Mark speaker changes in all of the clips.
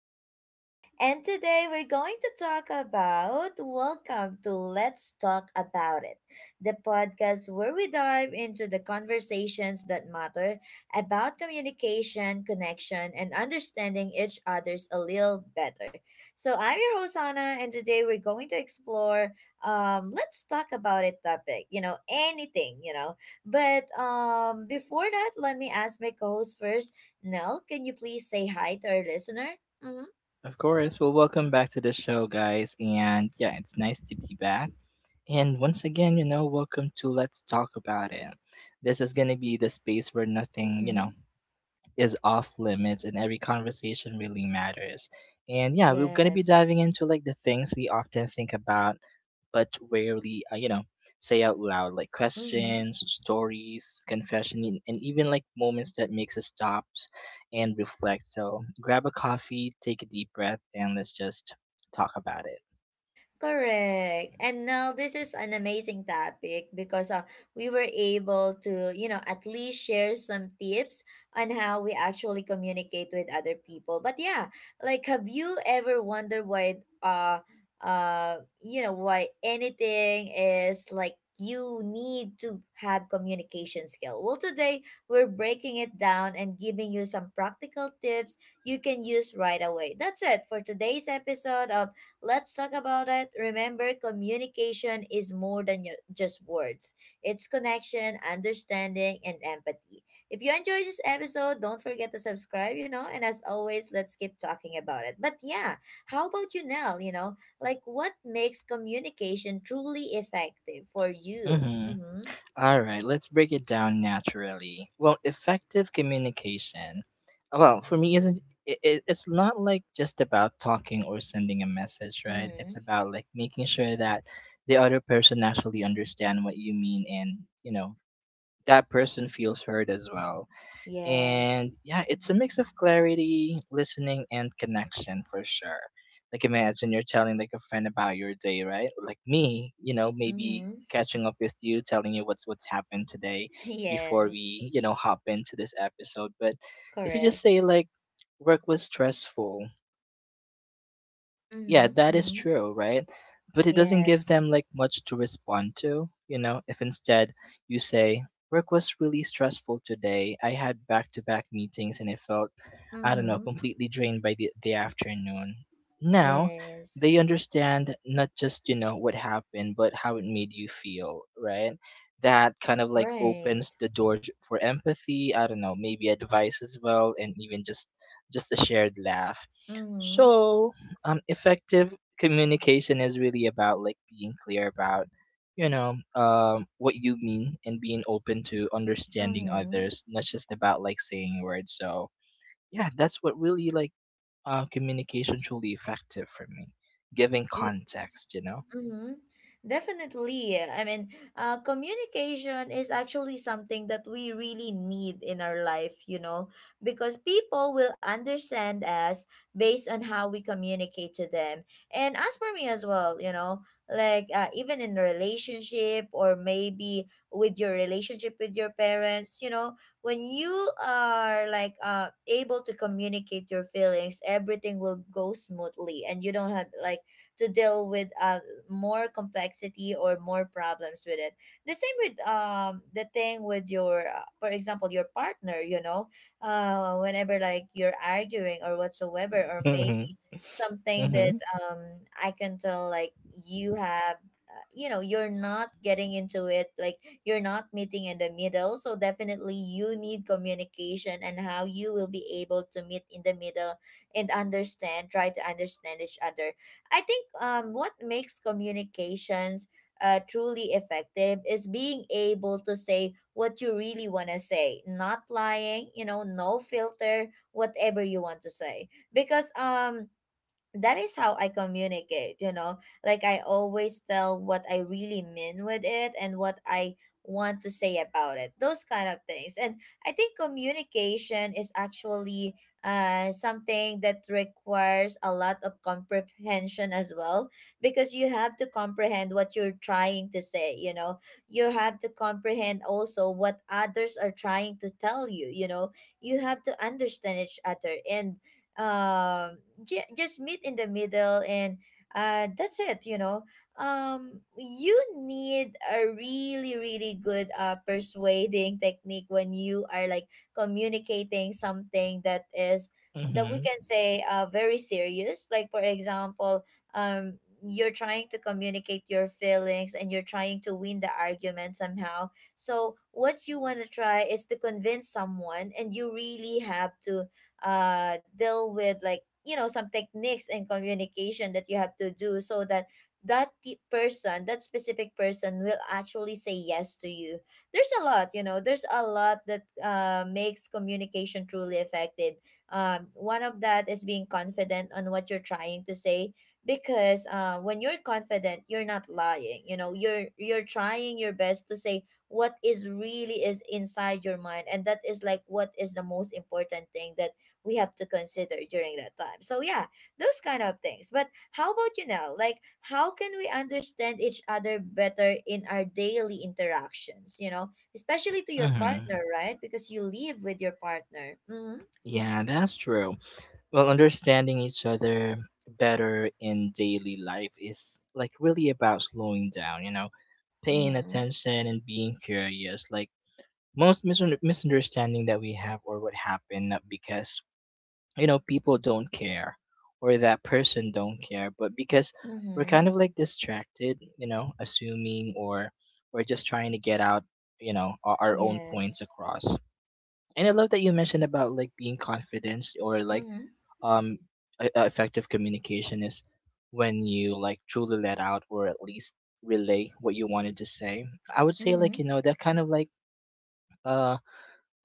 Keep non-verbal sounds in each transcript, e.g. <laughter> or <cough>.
Speaker 1: with Nell. And today we're going to talk about welcome to Let's Talk About It, the podcast where we dive into the conversations that matter about communication, connection, and understanding each other's a little better. So I'm your host Anna, and today we're going to explore let's talk about it topic, anything, But before that, let me ask my co-host first Nell, can you please say hi to our listener? Mm-hmm.
Speaker 2: Of course. Well, welcome back to the show, guys. And yeah, it's nice to be back. And once again, welcome to Let's Talk About It. This is going to be the space where nothing,
Speaker 1: Mm-hmm.
Speaker 2: is off limits and every conversation really matters. And yeah, we're going to be
Speaker 1: Yes.
Speaker 2: diving into like the things we often think about but rarely, say out loud, like
Speaker 1: Mm-hmm.
Speaker 2: questions, stories, confession, and even like moments that makes us stop and reflect. So grab a coffee, take a deep breath, and let's just talk about it.
Speaker 1: Correct. And now this is an amazing topic because we were able to, you know, at least share some tips on how we actually communicate with other people. But yeah, like have you ever wondered why you know why anything is like you need to have communication skill. Well, today we're breaking it down and giving you some practical tips you can use right away. That's it for today's episode of Let's Talk About It. Remember, communication is more than just words. It's connection, understanding, and empathy. If you enjoyed this episode, don't forget to subscribe, you know, and as always, let's keep talking about it. But yeah, how about you, Nell? You know, like what makes communication truly effective for you?
Speaker 2: Mm-hmm.
Speaker 1: Mm-hmm.
Speaker 2: All right, let's break it down naturally. Well, effective communication, well, for me, isn't it, it's not like just about talking or sending a message, right? It's
Speaker 1: Mm-hmm.
Speaker 2: about like making sure that the other person actually understand what you mean and, that person feels heard as well. And
Speaker 1: Yes.
Speaker 2: yeah, it's a mix of clarity, listening, and connection for sure. Like imagine you're telling like a friend about your day, right? Like me, maybe
Speaker 1: Mm-hmm.
Speaker 2: catching up with you, telling you what's happened today
Speaker 1: <laughs>
Speaker 2: before
Speaker 1: Yes.
Speaker 2: we, hop into this episode. But if you just
Speaker 1: Correct.
Speaker 2: say like work was stressful,
Speaker 1: Mm-hmm.
Speaker 2: yeah, that is
Speaker 1: Mm-hmm.
Speaker 2: true, right? But it doesn't give
Speaker 1: Yes.
Speaker 2: them like much to respond to, if instead you say, work was really stressful today. I had back to back meetings and I felt, I don't know,
Speaker 1: Mm-hmm.
Speaker 2: completely drained by the afternoon. Now
Speaker 1: Yes.
Speaker 2: they understand not just, what happened, but how it made you feel, right? That kind of like
Speaker 1: Right.
Speaker 2: opens the door for empathy, I don't know, maybe advice as well, and even just a shared laugh.
Speaker 1: Mm-hmm.
Speaker 2: So effective communication is really about like being clear about what you mean, and being open to understanding
Speaker 1: Mm-hmm.
Speaker 2: others, not just about like saying words. So yeah, that's what really like, communication truly effective for me, giving
Speaker 1: Yes.
Speaker 2: context.
Speaker 1: Mm-hmm. Definitely. I mean, communication is actually something that we really need in our life, you know, because people will understand us based on how we communicate to them. And as for me as well, you know, like even in a relationship or maybe with your relationship with your parents, you know, when you are like able to communicate your feelings, everything will go smoothly and you don't have like to deal with more complexity or more problems with it. The same with the thing with your for example your partner, you know, whenever like you're arguing or whatsoever or
Speaker 2: Mhm.
Speaker 1: maybe something
Speaker 2: Mhm.
Speaker 1: that I can tell like you have you know you're not getting into it like you're not meeting in the middle. So definitely you need communication and how you will be able to meet in the middle and understand, try to understand each other. I think what makes communications truly effective is being able to say what you really want to say, not lying, you know, no filter, whatever you want to say. Because that is how I communicate, you know. Like I always tell what I really mean with it and what I want to say about it. Those kind of things. And I think communication is actually something that requires a lot of comprehension as well because you have to comprehend what you're trying to say, you know. You have to comprehend also what others are trying to tell you, you know. You have to understand each other and um just meet in the middle and that's it, you know. You need a really, really good persuading technique when you are like communicating something that is that we
Speaker 2: Mhm.
Speaker 1: can say very serious, like for example um you're trying to communicate your feelings and you're trying to win the argument somehow. So what you want to try is to convince someone and you really have to deal with like you know some techniques and communication that you have to do so that person, that specific person, will actually say yes to you. There's a lot, you know, there's a lot that makes communication truly effective. One of that is being confident on what you're trying to say, because when you're confident you're not lying, you know, you're trying your best to say what is really is inside your mind, and that is like what is the most important thing that we have to consider during that time. So yeah, those kind of things. But how about you now? Like how can we understand each other better in our daily interactions, you know, especially to your
Speaker 2: Mhm.
Speaker 1: partner, right? Because you live with your partner. Mhm.
Speaker 2: Yeah, that's true. Well, understanding each other better in daily life is like really about slowing down, paying
Speaker 1: Mhm.
Speaker 2: attention and being curious. Like most misunderstanding that we have or what happened, not because people don't care or that person don't care, but because we're kind
Speaker 1: Mhm.
Speaker 2: of like distracted, assuming, or we're just trying to get out, our own points
Speaker 1: Yes.
Speaker 2: across. And I love that you mentioned about like being confident, or like,
Speaker 1: Mhm.
Speaker 2: um effective communication is when you like truly let out or at least relay what you wanted to say. I would say like,
Speaker 1: Mhm.
Speaker 2: that kind of like, uh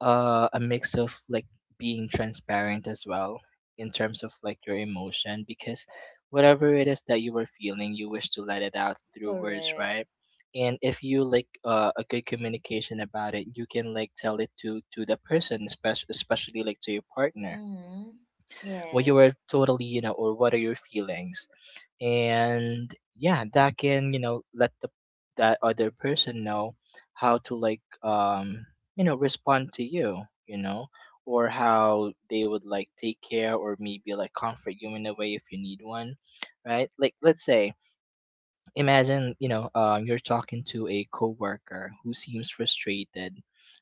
Speaker 2: a mix of like being transparent as well in terms of like your emotion, because whatever it is that you were feeling, you wish to let it out through words,
Speaker 1: Correct.
Speaker 2: right? And if you like, a good communication about it, you can like tell it to the person, especially like to your partner,
Speaker 1: Mhm.
Speaker 2: what you were
Speaker 1: Yes.
Speaker 2: totally, or what are your feelings. And yeah, that can, let the that other person know how to like, respond to you. You know Or how they would like take care, or maybe like comfort you in a way if you need one. Right, like let's say, imagine, you're talking to a coworker who seems frustrated.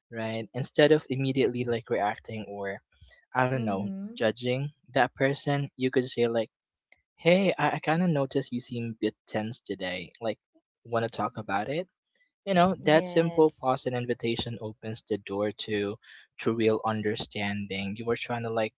Speaker 2: Right, instead of immediately like reacting, or I don't know,
Speaker 1: Mhm.
Speaker 2: judging that person, you could say like, "Hey, I kind of noticed you seem a bit tense today. Like, want to talk about it?" That simple
Speaker 1: Yes.
Speaker 2: pause and invitation opens the door to real understanding. You were trying to, like,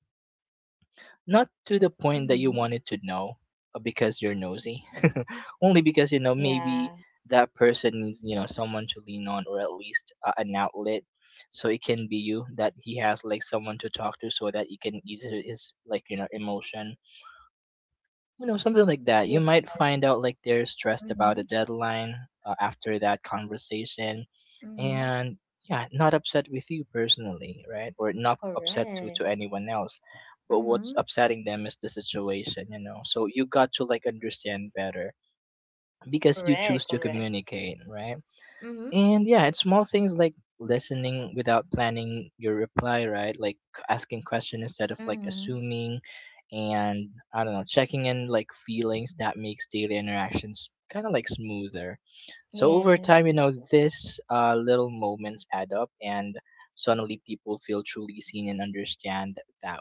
Speaker 2: not to the point that you
Speaker 1: Mhm.
Speaker 2: wanted to know, because you're nosy. <laughs> Only because, maybe
Speaker 1: Yeah.
Speaker 2: that person needs, someone to lean on, or at least, an outlet, so it can be you that he has like someone to talk to, so that he can ease his like, emotion. Something like that, you
Speaker 1: Yeah.
Speaker 2: might find out like they're stressed about a
Speaker 1: Mhm.
Speaker 2: deadline, after that conversation.
Speaker 1: Mhm.
Speaker 2: And yeah, not upset with you personally, right? Or not upset to
Speaker 1: Correct.
Speaker 2: anyone else, but what's
Speaker 1: Mhm.
Speaker 2: upsetting them is the situation, so you got to like understand better, because you choose
Speaker 1: Correct,
Speaker 2: to
Speaker 1: correct.
Speaker 2: communicate, right?
Speaker 1: Mm-hmm.
Speaker 2: And yeah, it's small things like listening without planning your reply, right? Like asking question instead of like
Speaker 1: Mm-hmm.
Speaker 2: assuming, and I don't know, checking in like feelings, that makes daily interactions kind of like smoother. So over time,
Speaker 1: Yes.
Speaker 2: this, little moments add up, and suddenly people feel truly seen and understand that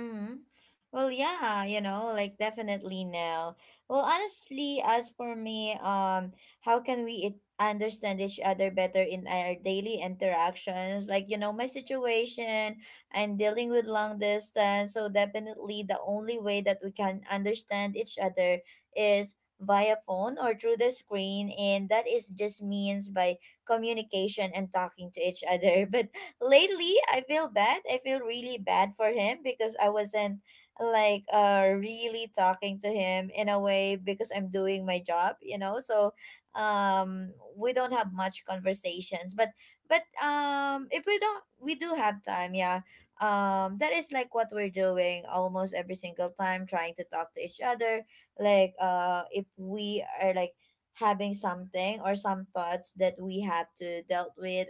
Speaker 1: Mm-hmm. Well, yeah, you know, like definitely now. Well, honestly, as for me, how can we it understand each other better in our daily interactions? Like, you know, my situation, I'm dealing with long distance, so definitely the only way that we can understand each other is via phone or through the screen, and that is just means by communication and talking to each other. <laughs> But lately I feel bad. I feel really bad for him because I wasn't like really talking to him in a way because I'm doing my job, you know. So we don't have much conversations. But if we don't, we do have time, yeah. That is like what we're doing almost every single time, trying to talk to each other. Like if we are like having something or some thoughts that we have to dealt with,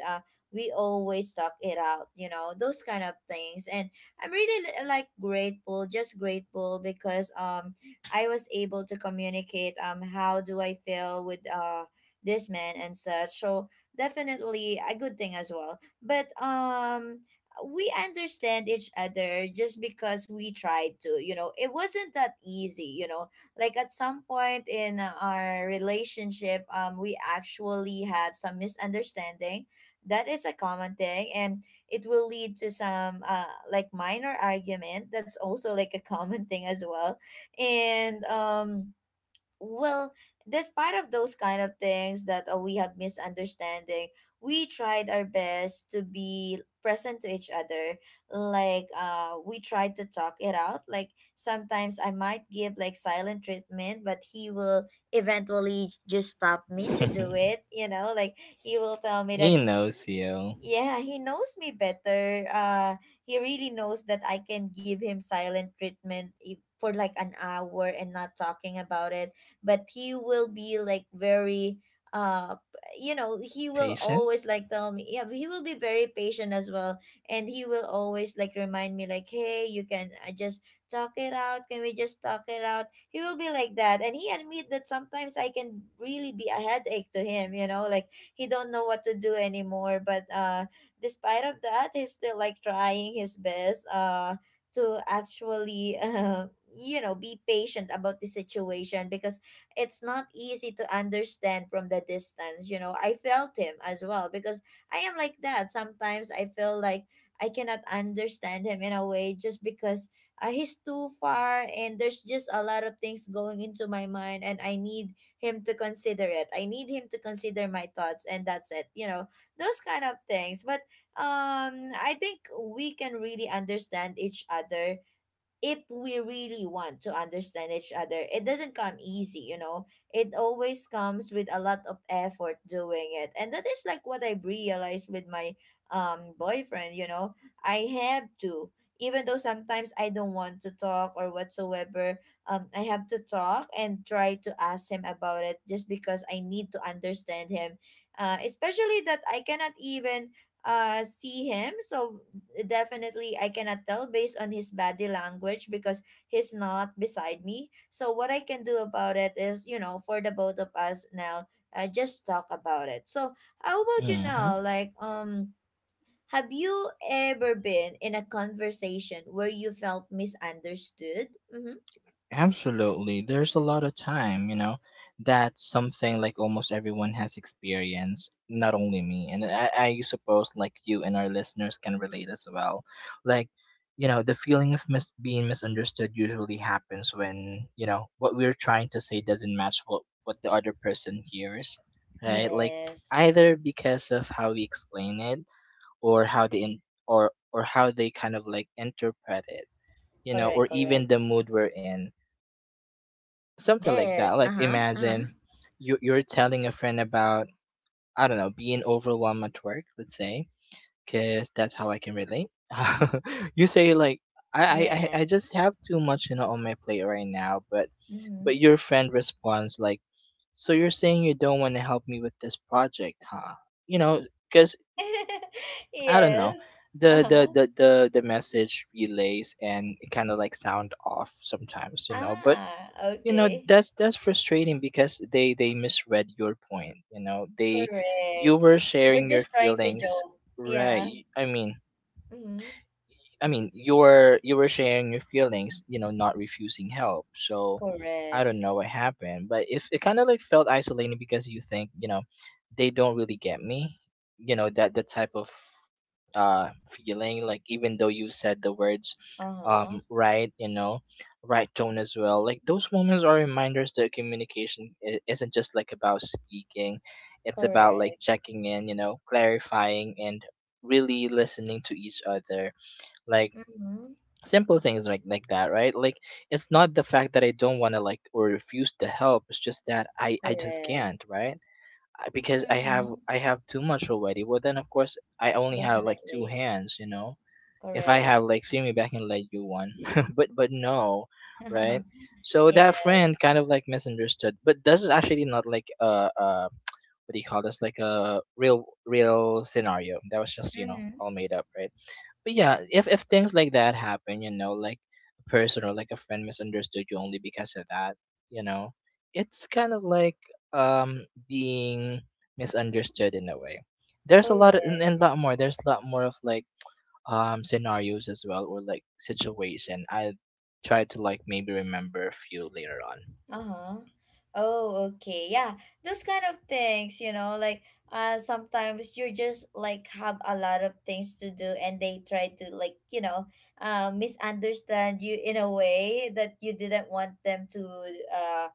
Speaker 1: we always talk it out, you know, those kind of things. And I'm really like grateful, just grateful, because I was able to communicate how do I feel with this man and such. So definitely a good thing as well, but we understand each other just because we tried to, you know. It wasn't that easy, you know, like at some point in our relationship, we actually had some misunderstanding. That is a common thing, and it will lead to some like minor argument. That's also like a common thing as well. And well Despite of those kind of things that we have misunderstanding, we tried our best to be present to each other. Like we tried to talk it out. Like sometimes I might give like silent treatment, but he will eventually just stop me to do
Speaker 2: way.
Speaker 1: it, you know. Like he will tell
Speaker 2: <laughs>
Speaker 1: me that,
Speaker 2: He knows you.
Speaker 1: yeah, he knows me better. He really knows that I can give him silent treatment if, for like an hour, and not talking about it. But he will be like very uh you know, he will always
Speaker 2: Patience.
Speaker 1: like tell me, yeah, he will be very patient as well. And he will always like remind me like, hey, you can I just talk it out, can we just talk it out. He will be like that, and he admit that sometimes I can really be a headache to him, you know. Like he don't know what to do anymore, but despite of that, he's still like trying his best to actually <laughs> you know, be patient about the situation, because it's not easy to understand from the distance, you know. I felt him as well, because I am like that sometimes. I feel like I cannot understand him in a way just because he's too far and there's just a lot of things going into my mind and I need him to consider it. I need him to consider my thoughts, and that's it. You know, those kind of things. But I think we can really understand each other if we really want to understand each other. It doesn't come easy, you know. It always comes with a lot of effort doing it, and that is like what I realized with my boyfriend, you know. I have to, even though sometimes I don't want to talk or whatsoever, I have to talk and try to ask him about it just because I need to understand him, especially that I cannot even see him. So definitely I cannot tell based on his body language because he's not beside me. So what I can do about it is, you know, for the both of us now, just talk about it. So how about you now?
Speaker 2: hmm
Speaker 1: Like, have you ever been in a conversation where you felt misunderstood? Mm-hmm.
Speaker 2: Absolutely. There's a lot of time. That's something like almost everyone has experienced, not only me. And I suppose like you and our listeners can relate as well. Like, the feeling of being misunderstood usually happens when, what we're trying to say doesn't match what the other person hears, right? Like,
Speaker 1: Yes.
Speaker 2: either because of how we explain it, or how they, or how they kind of like interpret it,
Speaker 1: Correct.
Speaker 2: or even
Speaker 1: Correct.
Speaker 2: the mood we're in, something like that.
Speaker 1: Yes.
Speaker 2: Like
Speaker 1: Uh huh. Uh huh.
Speaker 2: imagine you're telling a friend about, I don't know, being overwhelmed at work. Let's say, because that's how I can relate. <laughs> You say like, I
Speaker 1: Yes.
Speaker 2: just have too much, on my plate right now,
Speaker 1: Mm-hmm.
Speaker 2: but your friend responds like, so you're saying you don't want to help me with this project, huh? You know, because
Speaker 1: <laughs>
Speaker 2: I don't know,
Speaker 1: Yes.
Speaker 2: the
Speaker 1: Uh
Speaker 2: the
Speaker 1: huh.
Speaker 2: the the the message relays and it kind of like sound off sometimes, but,
Speaker 1: Ah, okay.
Speaker 2: that's frustrating, because they misread your point. They, you
Speaker 1: Correct.
Speaker 2: were
Speaker 1: You're
Speaker 2: sharing your
Speaker 1: just trying to
Speaker 2: feelings,
Speaker 1: joke. Yeah.
Speaker 2: right? I mean
Speaker 1: Mm-hmm.
Speaker 2: I mean, you were sharing your feelings, not refusing help. So I
Speaker 1: Correct.
Speaker 2: don't know what happened, but if it kind of like felt isolating, because you think, they don't really get me, that type of, feeling, like even though you said the words,
Speaker 1: Uh-huh.
Speaker 2: right, right tone as well. Like those moments are reminders that communication isn't just like about speaking. It's about like
Speaker 1: Correct.
Speaker 2: checking in, clarifying, and really listening to each other, like
Speaker 1: Mm-hmm.
Speaker 2: simple things like that, right? Like it's not the fact that I don't want to, like, or refuse to help, it's just that I just
Speaker 1: Correct.
Speaker 2: can't, right? Because i have
Speaker 1: Mm-hmm.
Speaker 2: i have too much already. Well, then, of course, I only have like two
Speaker 1: Definitely.
Speaker 2: hands. If I
Speaker 1: Correct.
Speaker 2: have like three, maybe I can let you one. <laughs> But no, right?
Speaker 1: <laughs>
Speaker 2: So that friend
Speaker 1: Yes.
Speaker 2: kind of like misunderstood, but this is actually not like, <tsk> what do you call this, like a real real scenario that was just,
Speaker 1: Mm-hmm.
Speaker 2: all made up, right? But yeah, if things like that happen, like a person or like a friend misunderstood you only because of that, you know, it's kind of like, being misunderstood in a way. There's a
Speaker 1: Correct.
Speaker 2: lot of, and a lot more. There's a lot more of like, scenarios as well, or like situation. I try to like maybe remember a few later on.
Speaker 1: Uh-huh. Oh, okay. Yeah. Those kind of things, you know, like sometimes you just like have a lot of things to do and they try to like, you know, misunderstand you in a way that you didn't want them to uh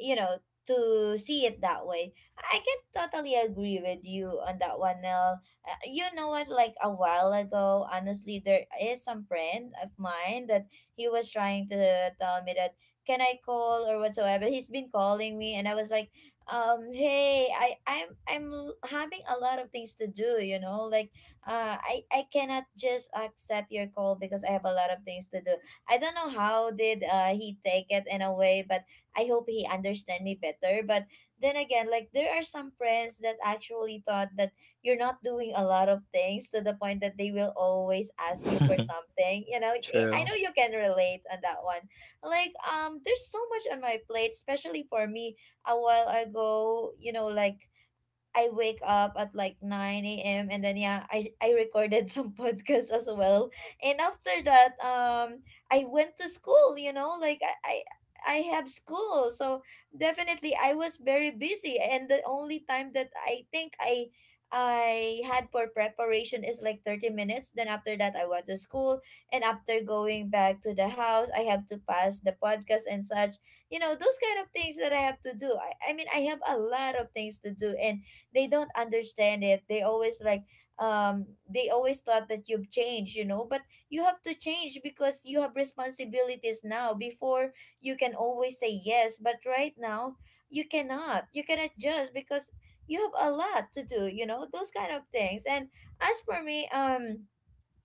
Speaker 1: you know, to see it that way. I can totally agree with you on that one, Nell. You know what, like a while ago, honestly, there is some friend of mine that he was trying to tell me that can I call or whatsoever. He's been calling me and I was like, hey, I'm having a lot of things to do, you know, like I cannot just accept your call because I have a lot of things to do. I don't know how did he take it in a way, but I hope he understand me better. But then again, like there are some friends that actually thought that you're not doing a lot of things to the point that they will always ask you for something. You know, I
Speaker 2: <laughs>
Speaker 1: I
Speaker 2: True.
Speaker 1: know you can relate on that one, like there's so much on my plate, especially for me a while ago, you know, like I wake up at like 9 a.m. And then yeah, I recorded some <laughs> podcasts as well. And after that, I went to school. You know, like I have school, so definitely I was very busy. And the only time that I think I had for preparation is like 30 minutes. Then after that, I went to school. And after going back to the house, I have to pass the podcast and such. You know, those kind of things that I have to do. I have a lot of things to do. And they don't understand it, they always like um they always thought that you've changed, you know. But you have to change because you have responsibilities now. Before, you can always say yes, but right now you cannot, just because you have a lot to do, you know, those kind of things. And as for me,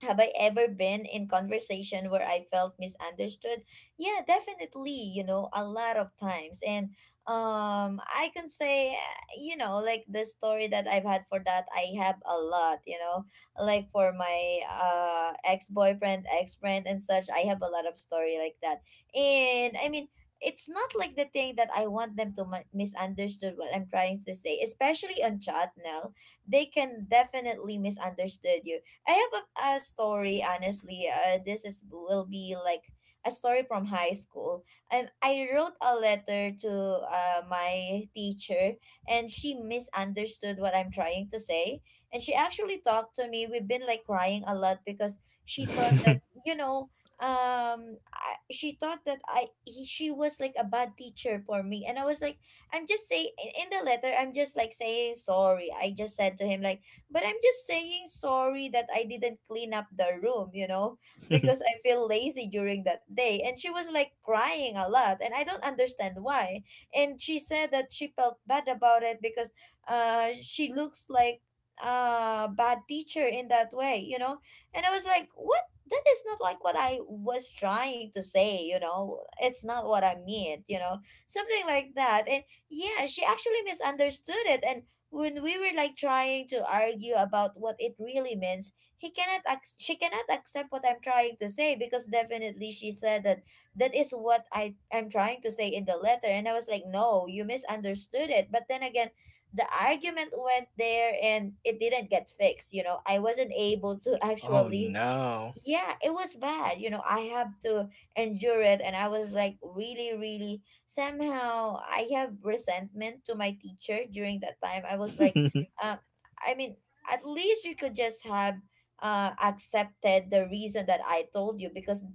Speaker 1: have I ever been in conversation where I felt misunderstood? Yeah, definitely, you know, a lot of times. And I can say, you know, like the story that I've had for that, I have a lot, you know. Like for my ex-boyfriend, ex-friend and such, I have a lot of story like that. And I mean, it's not like the thing that I want them to misunderstood what I'm trying to say, especially on chat now. They can definitely misunderstood you. I have a story, honestly. This is will be like a story from high school. I wrote a letter to my teacher, and she misunderstood what I'm trying to say. And she actually talked to me. We've been like crying a lot because she thought that,
Speaker 2: <laughs>
Speaker 1: you know, she thought that she was like a bad teacher for me, and I was like, I'm just saying in the letter, I'm just like saying sorry. I just said to him like. But I'm just saying sorry that I didn't clean up the room, you know, because I feel lazy during that day. And she was like crying a lot, and I don't understand why. And she said that she felt bad about it because she looks like a bad teacher in that way, you know. And I was like, what? That is not like what I was trying to say, you know. It's not what I meant, you know. Something like that. And yeah, she actually misunderstood it. And when we were like trying to argue about what it really means, he cannot ac- she cannot accept what I'm trying to say because definitely she said that that is what I am trying to say in the letter, and I was like, no, you misunderstood it. But then again, the argument went there and it didn't get fixed, you know. I wasn't able to <laughs>
Speaker 2: Oh
Speaker 1: actually,
Speaker 2: no.
Speaker 1: yeah, it was bad, you know. I have to endure it, and I was like, really, really, somehow I have resentment to my teacher during that time. I was like,
Speaker 2: <laughs>
Speaker 1: uh, i mean at least you could just have accepted the reason that I told you, because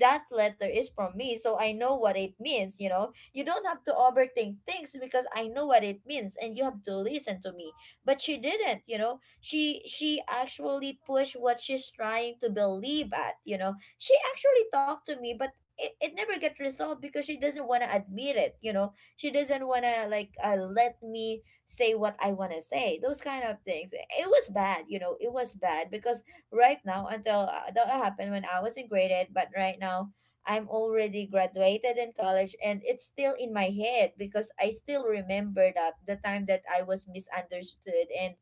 Speaker 1: that letter is from me, so I know what it means, you know. You don't have to overthink things because I know what it means, and you have to listen to me. But she didn't, you know. She actually pushed what she's trying to believe at, you know. She actually talked to me, but it never get resolved because she doesn't want to admit it, you know. She doesn't want to like, let me say what I want to say, those kind of things. It was bad, you know. It was bad because right now, until that happened when I was in grade eight, but right now I'm already graduated in college, and it's still in my head because I still remember that the time that I was misunderstood. And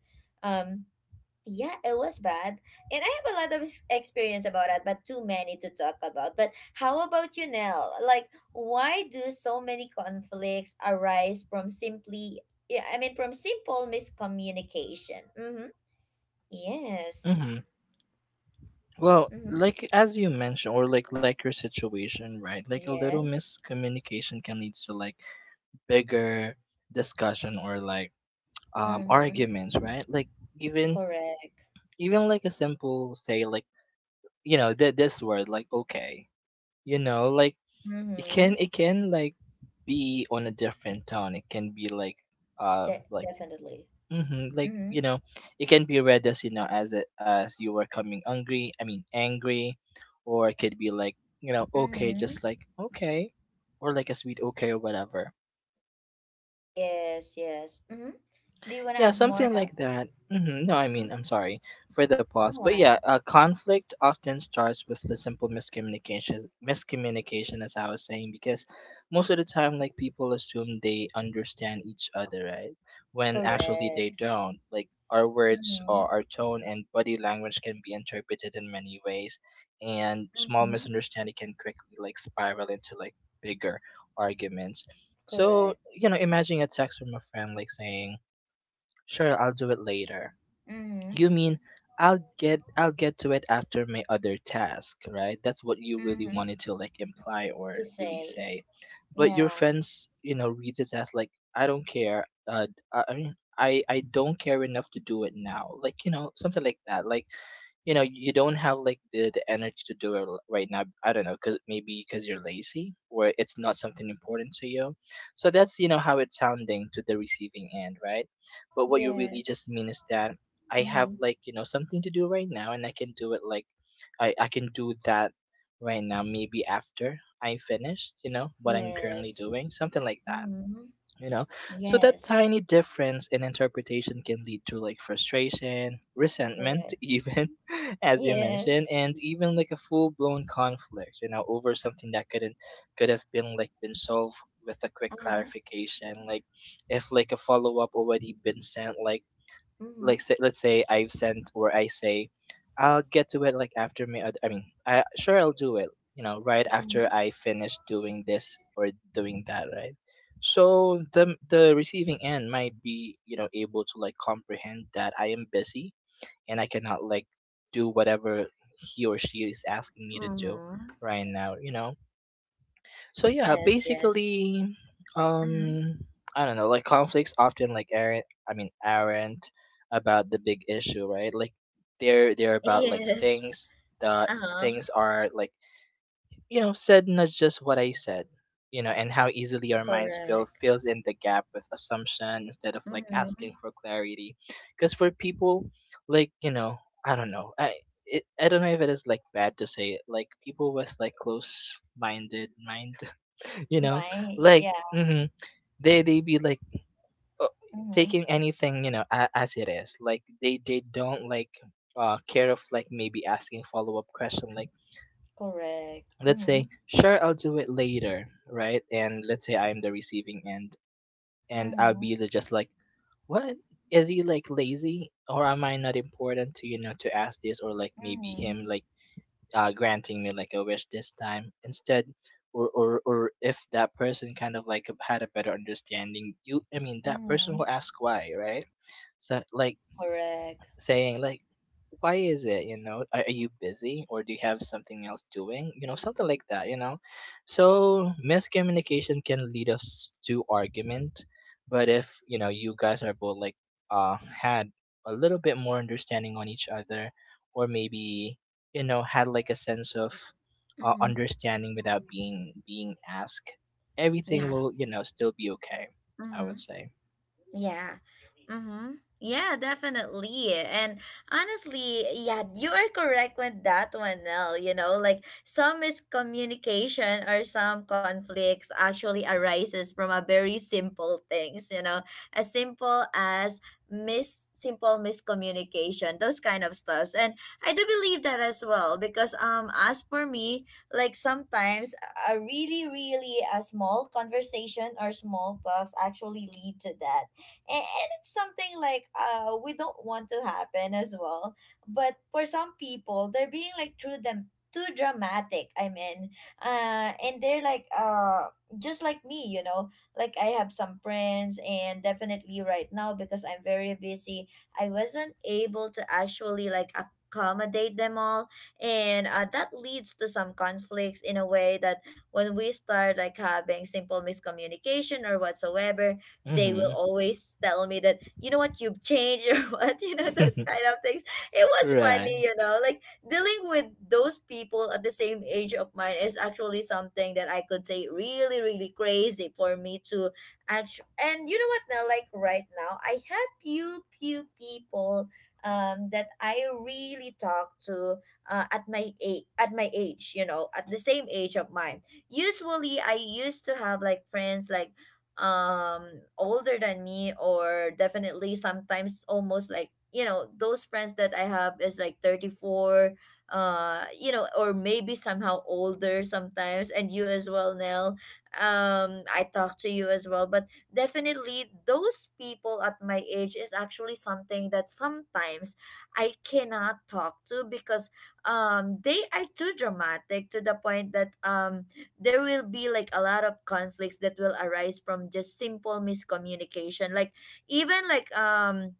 Speaker 1: um yeah, it was bad. And I have a lot of experience about that, but too many to talk about. But how about you, Nell? Like, why do so many conflicts arise from simply, yeah, I mean, from simple miscommunication? Mm-hmm. Yes.
Speaker 2: hmm Well,
Speaker 1: Mm-hmm.
Speaker 2: like as you mentioned, or like your situation, right? Like a little
Speaker 1: Yes.
Speaker 2: miscommunication can lead to like bigger discussion, or like,
Speaker 1: Mm-hmm.
Speaker 2: arguments, right? Like even
Speaker 1: Correct.
Speaker 2: even like a simple, say like, this word like okay, you know, like it can
Speaker 1: Mm-hmm.
Speaker 2: it can like be on a different tone. It can be like,
Speaker 1: De-
Speaker 2: like,
Speaker 1: definitely.
Speaker 2: like,
Speaker 1: Mm-hmm.
Speaker 2: you know, it can be read as, as as you were coming angry. I mean, angry, or it could be like, okay,
Speaker 1: Mm-hmm.
Speaker 2: just like okay, or like a sweet okay or whatever.
Speaker 1: Yes, yes. Mm-hmm. Do you want to
Speaker 2: Yeah,
Speaker 1: add more
Speaker 2: something
Speaker 1: now?
Speaker 2: like that. No, I
Speaker 1: Mm-hmm.
Speaker 2: mean, I'm sorry for the pause,
Speaker 1: Go
Speaker 2: but
Speaker 1: on.
Speaker 2: yeah, conflict often starts with the simple miscommunication. Miscommunication, as I was saying, because most of the time, like people assume they understand each other, right? When actually they
Speaker 1: Correct.
Speaker 2: don't. Like our words,
Speaker 1: Mm-hmm.
Speaker 2: or our tone and body language, can be interpreted in many ways, and small
Speaker 1: Mm-hmm.
Speaker 2: misunderstanding can quickly like spiral into like bigger arguments. So,
Speaker 1: Correct.
Speaker 2: imagine a text from a friend like saying, "Sure, I'll do it later."
Speaker 1: Mm-hmm.
Speaker 2: You mean, I'll get to it after my other task, right? That's what you really
Speaker 1: Mm-hmm.
Speaker 2: wanted to like imply
Speaker 1: To
Speaker 2: or really
Speaker 1: say.
Speaker 2: say. But your
Speaker 1: Yeah.
Speaker 2: friends, reads it as like, I don't care. I mean, I don't care enough to do it now. Like, something like that. Like, you don't have, like, the energy to do it right now. I don't know, because maybe because you're lazy, or it's not something important to you. So that's, how it's sounding to the receiving end, right? But what you really
Speaker 1: Yes.
Speaker 2: just mean is that I have,
Speaker 1: Mm-hmm.
Speaker 2: like, something to do right now, and I can do it, like, I can do that right now. Maybe after I'm finished, you know what I'm currently
Speaker 1: Yes.
Speaker 2: doing, something like that.
Speaker 1: Mm-hmm.
Speaker 2: You know, so that
Speaker 1: Yes.
Speaker 2: tiny difference in interpretation can lead to like frustration, resentment,
Speaker 1: Correct.
Speaker 2: <laughs> even as you mentioned,
Speaker 1: Yes.
Speaker 2: and even like a full blown conflict. You know, over something that couldn't could have been like been solved with a quick
Speaker 1: Uh-huh.
Speaker 2: clarification like if like a follow-up already been sent
Speaker 1: Mm-hmm.
Speaker 2: like say, let's say I've sent or I say I'll get to it like after me. I mean, I sure I'll do it. You know, right after
Speaker 1: Mm-hmm.
Speaker 2: I finish doing this or doing that, right? So the receiving end might be you know able to like comprehend that I am busy and I cannot like do whatever he or she is asking me to do
Speaker 1: Mm-hmm.
Speaker 2: right now. You know, so yeah,
Speaker 1: Yes. Yes.
Speaker 2: basically,
Speaker 1: Mm-hmm.
Speaker 2: um, I don't know. Like, conflicts often, like, aren't I mean aren't about the big issue, right? Like, they're about, like,
Speaker 1: Yes.
Speaker 2: things that
Speaker 1: Uh-huh.
Speaker 2: things are, like, said, not just what I said, you know, and how easily our minds fill
Speaker 1: Correct.
Speaker 2: fills in the gap with assumption instead of, like, asking
Speaker 1: Mm-hmm.
Speaker 2: for clarity. Because for people, like, you know, I don't know, I. I don't know if it is, like, bad to say it. Like, people with, like, close-minded mind, you know,
Speaker 1: My
Speaker 2: like,
Speaker 1: yeah.
Speaker 2: they be like, uh,
Speaker 1: Mm-hmm.
Speaker 2: taking anything, you know, as it is. Like, they don't, like, care of, like, maybe asking follow-up question, like,
Speaker 1: Correct.
Speaker 2: let's
Speaker 1: Mm-hmm.
Speaker 2: say, sure, I'll do it later, right? And let's say I'm the receiving end, and I'll
Speaker 1: Mm-hmm.
Speaker 2: be just like, what, is he, like, lazy, or am I not important to, you know, to ask this, or, like, maybe
Speaker 1: Mm-hmm.
Speaker 2: him, like, granting me, like, a wish this time instead. Or if that person kind of, like, had a better understanding, you I mean that person
Speaker 1: Mm-hmm.
Speaker 2: will ask why, right? So, like,
Speaker 1: Correct.
Speaker 2: saying, like, why is it, you know, are you busy, or do you have something else doing, you know, something like that, you know? So miscommunication can lead us to argument, but if, you know, you guys are both, like, had a little bit more understanding on each other, or maybe, you know, had, like, a sense of
Speaker 1: Mm-hmm.
Speaker 2: understanding without being asked, everything
Speaker 1: Yeah.
Speaker 2: will, you know, still be okay, I
Speaker 1: Mm-hmm.
Speaker 2: would say.
Speaker 1: Yeah. Mm-hmm. Yeah, definitely. And honestly, yeah, you are correct with that one, Nell. You know, like some miscommunication or some conflicts actually arises from a very simple things, you know, as simple as mis simple miscommunication, those kind of stuffs. And I do believe that as well, because as for me, like sometimes a really, really a small conversation or small talks actually lead to that, and it's something like we don't want to happen as well. But for some people, they're being like through them too dramatic, I mean, and they're like just like me, you know. Like I have some friends, and definitely right now, because I'm very busy, I wasn't able to actually like accommodate them all. And that leads to some conflicts in a way that when we start like having simple miscommunication or whatsoever, they will
Speaker 2: Mm-hmm.
Speaker 1: always tell me that, you know what, you've changed, or <laughs> what, you know, those
Speaker 2: <laughs>
Speaker 1: kind of things. It was
Speaker 2: Right.
Speaker 1: funny, you know, like dealing with those people at the same age of mine is actually something that I could say really, really crazy for me to actually. And you know what, now, like right now, I have few people that I really talk to at my age, you know, at the same age of mine. Usually I used to have like friends like older than me, or definitely sometimes almost, like, you know, those friends that I have is like 34, you know, or maybe somehow older sometimes. And you as well, Nell, I talk to you as well. But definitely those people at my age is actually something that sometimes I cannot talk to because they are too dramatic to the point that there will be like a lot of conflicts that will arise from just simple miscommunication, like even like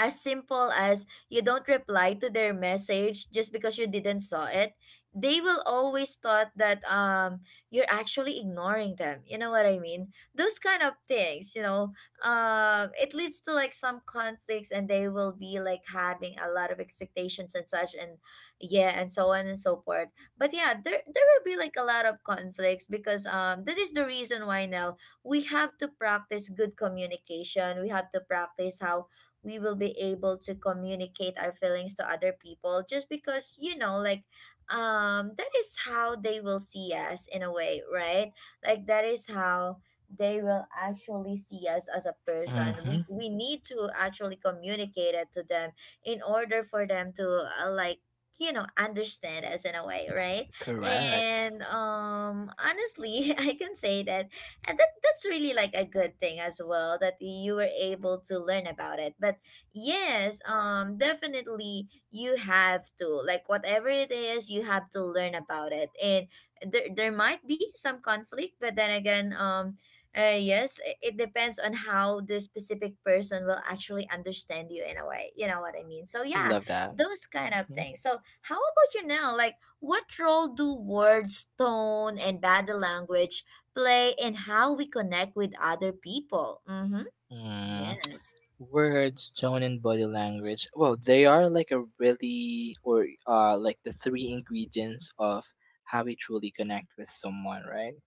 Speaker 1: as simple as you don't reply to their message just because you didn't saw it, they will always thought that you're actually ignoring them, you know what I mean, those kind of things, you know. It leads to like some conflicts, and they will be like having a lot of expectations and such, and yeah, and so on and so forth. But yeah, there will be like a lot of conflicts because that is the reason why now we have to practice good communication. We have to practice how we will be able to communicate our feelings to other people, just because you know, like, that is how they will see us in a way, right? Like that is how they will actually see us as a person.
Speaker 2: Mm-hmm.
Speaker 1: We need to actually communicate it to them in order for them to like, you know, understand us in a way, right?
Speaker 2: Correct.
Speaker 1: And honestly, <laughs> I can say that at the that's really like a good thing as well that you were able to learn about it. But yes, definitely you have to like, whatever it is, you have to learn about it. And there might be some conflict, but then again, yes, it depends on how this specific person will actually understand you in a way. You know what I mean? So yeah,
Speaker 2: Love that.
Speaker 1: those kind of
Speaker 2: Mhm.
Speaker 1: things. So how about you now? Like, what role do words, tone, and body language play, and how we connect with other people. Mm-hmm.
Speaker 2: Mm.
Speaker 1: Yes.
Speaker 2: Words, tone, and body language. Well, they are like a really, or like the three ingredients of how we truly connect with someone, right?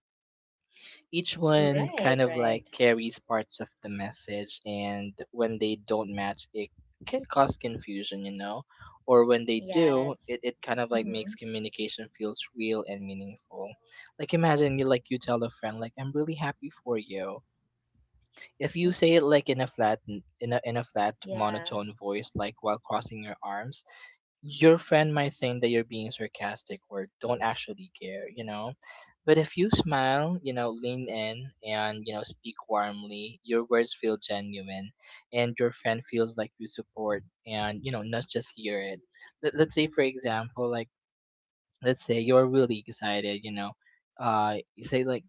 Speaker 2: Each one kind
Speaker 1: Right,
Speaker 2: of like
Speaker 1: right.
Speaker 2: carries parts of the message, and when they don't match, it can cause confusion, you know? Or when they do,
Speaker 1: Yes.
Speaker 2: it kind of like
Speaker 1: Mm-hmm.
Speaker 2: makes communication feels real and meaningful. Like, imagine you, like, you tell a friend, like, I'm really happy for you. If you say it, like, in a flat
Speaker 1: Yeah.
Speaker 2: monotone voice, like, while crossing your arms, your friend might think that you're being sarcastic or don't actually care, you know. But if you smile, you know, lean in, and, you know, speak warmly, your words feel genuine, and your friend feels like you support and, you know, not just hear it. Let's say, for example, like, let's say you're really excited, you know, you say, like,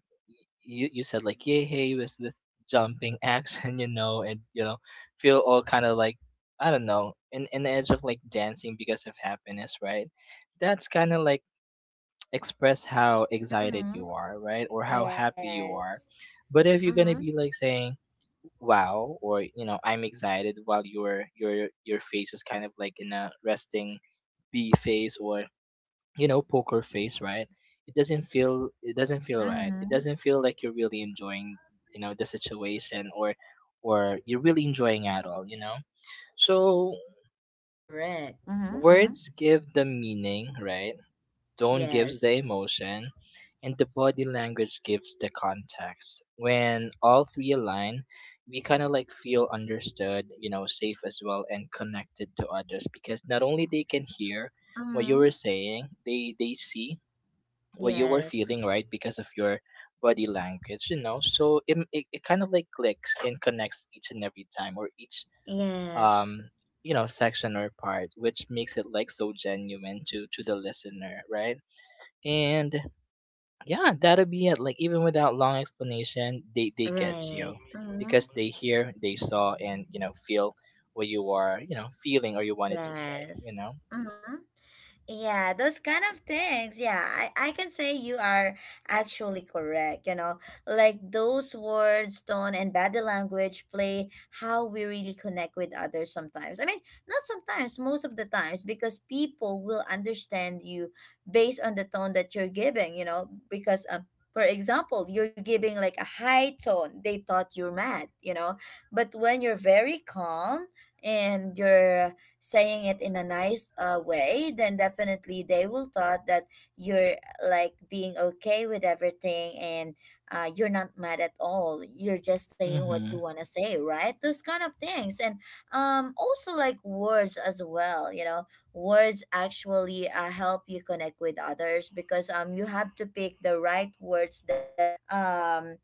Speaker 2: you said, like, yay, hey, with jumping action, <laughs> you know, and, you know, feel all kind of, like, I don't know, in the edge of, like, dancing because of happiness, right? That's kind of like express how excited you
Speaker 1: Mm-hmm.
Speaker 2: are, right, or how happy you
Speaker 1: Yes.
Speaker 2: are. But if you're
Speaker 1: Mm-hmm.
Speaker 2: gonna be like saying wow, or, you know, I'm excited, while your face is kind of, like, in a resting B phase, or, you know, poker face, right, it doesn't feel right. It
Speaker 1: Mm-hmm.
Speaker 2: doesn't feel like you're really enjoying, you know, the situation, or you're really enjoying at all, you know. So,
Speaker 1: Correct. Mm-hmm. Mm-hmm.
Speaker 2: words give the meaning, right? Tone gives the
Speaker 1: Yes.
Speaker 2: emotion, and the body language gives the context. When all three align, we kind of like feel understood, you know, safe as well, and connected to others, because not only they can hear what you were
Speaker 1: Mm-hmm.
Speaker 2: saying, they see what you were
Speaker 1: Yes.
Speaker 2: feeling, right? Because of your body language, you know. So it kind of like clicks and connects each and every time, or each,
Speaker 1: Yes.
Speaker 2: um section or part, which makes it, like, so genuine to the listener, right? And yeah, that'll be it. Like, even without long explanation, they get you
Speaker 1: Right.
Speaker 2: because
Speaker 1: Mm-hmm.
Speaker 2: they hear, they saw, and, you know, feel what you are, you know, feeling, or you wanted to say, you know.
Speaker 1: Yes. Mm-hmm. Yeah, those kind of things. Yeah, I can say you are actually correct. You know, like those words, tone, and body language play how we really connect with others sometimes. I mean, not sometimes, most of the times, because people will understand you based on the tone that you're giving, you know, because, for example, you're giving like a high tone, they thought you're mad, you know, but when you're very calm, and you're saying it in a nice way, then definitely they will thought that you're like being okay with everything and you're not mad at all. You're just saying what you
Speaker 2: Mm-hmm.
Speaker 1: want to say, right? Those kind of things. And also like words as well, you know, words actually help you connect with others because you have to pick the right words that um,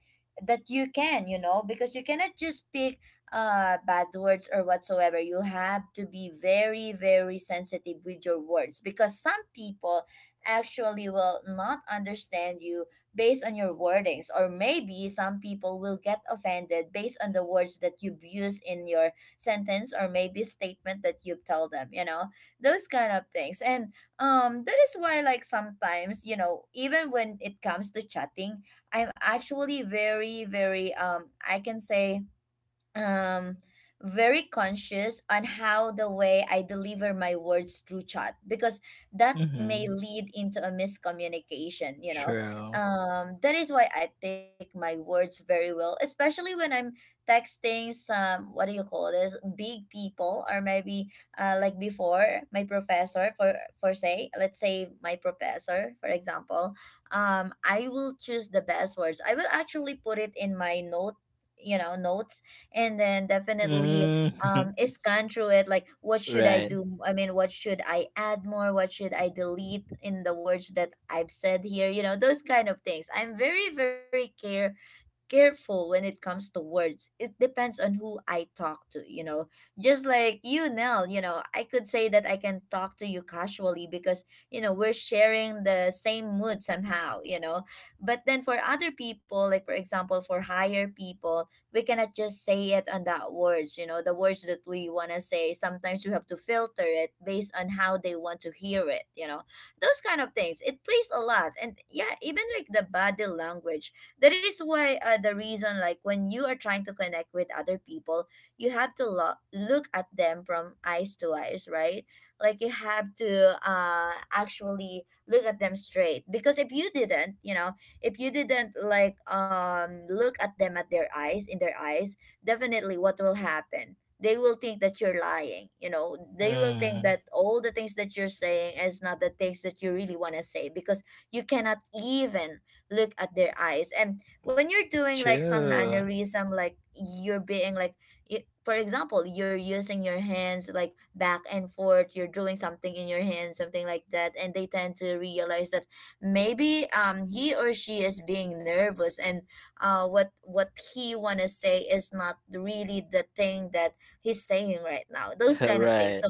Speaker 1: that you can you know because you cannot just pick bad words or whatsoever. You have to be very, very sensitive with your words because some people actually will not understand you based on your wordings, or maybe some people will get offended based on the words that you use in your sentence or maybe statement that you tell them, you know, those kind of things. And that is why, like, sometimes, you know, even when it comes to chatting, I'm actually very, very, I can say, um very conscious on how the way I deliver my words through chat because that
Speaker 2: Mm-hmm.
Speaker 1: may lead into a miscommunication, you know.
Speaker 2: True.
Speaker 1: That is why I pick my words very well, especially when I'm texting some what do you call this big people or maybe like before my professor for say let's say my professor for example, I will choose the best words. I will actually put it in my note, you know, notes, and then definitely
Speaker 2: Mm-hmm.
Speaker 1: is scan through it, like what
Speaker 2: <laughs>
Speaker 1: should I
Speaker 2: Right.
Speaker 1: do? I mean, what should I add more? What should I delete in the words that I've said here, you know, those kind of things. I'm very very care careful when it comes to words. It depends on who I talk to, you know. Just like you, Nell, you know, I could say that I can talk to you casually because, you know, we're sharing the same mood somehow, you know. But then for other people, like for example, for higher people, we cannot just say it on that words, you know, the words that we want to say. Sometimes we have to filter it based on how they want to hear it, you know. Those kind of things. It plays a lot. And yeah, even like the body language, that is why the reason like when you are trying to connect with other people, you have to look at them from eyes to eyes, right? Like you have to actually look at them straight, because if you didn't, you know, if you didn't like look at them at their eyes, in their eyes, definitely what will happen, they will think that you're lying, you know, they will think
Speaker 2: Mm,
Speaker 1: that all the things that you're saying is not the things that you really want to say because you cannot even look at their eyes. And when you're doing like some
Speaker 2: true.
Speaker 1: mannerism, like you're being like, for example, you're using your hands like back and forth, you're doing something in your hands, something like that, and they tend to realize that maybe he or she is being nervous and what he wanna say is not really the thing that he's saying right now.
Speaker 2: <laughs>
Speaker 1: Those kind of things.
Speaker 2: Right.
Speaker 1: So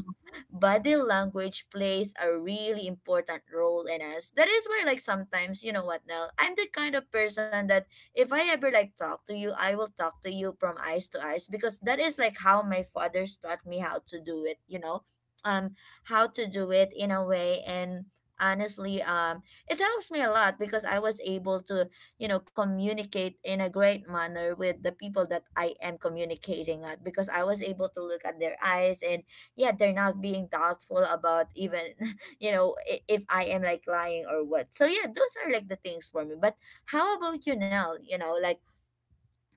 Speaker 1: body language plays a really important role in us. That is why, like, sometimes, you know what, Nell, I'm the kind of person that if I ever, like, talk to you, I will talk to you from eyes to eyes because that is, like, how my father's taught me how to do it, you know, um, how to do it in a way. And honestly, it helps me a lot because I was able to, you know, communicate in a great manner with the people that I am communicating at because I was able to look at their eyes and yeah, they're not being thoughtful about even <laughs> you know, if I am like lying or what. So yeah, those are like the things for me. But how about you, Nell? You know, like,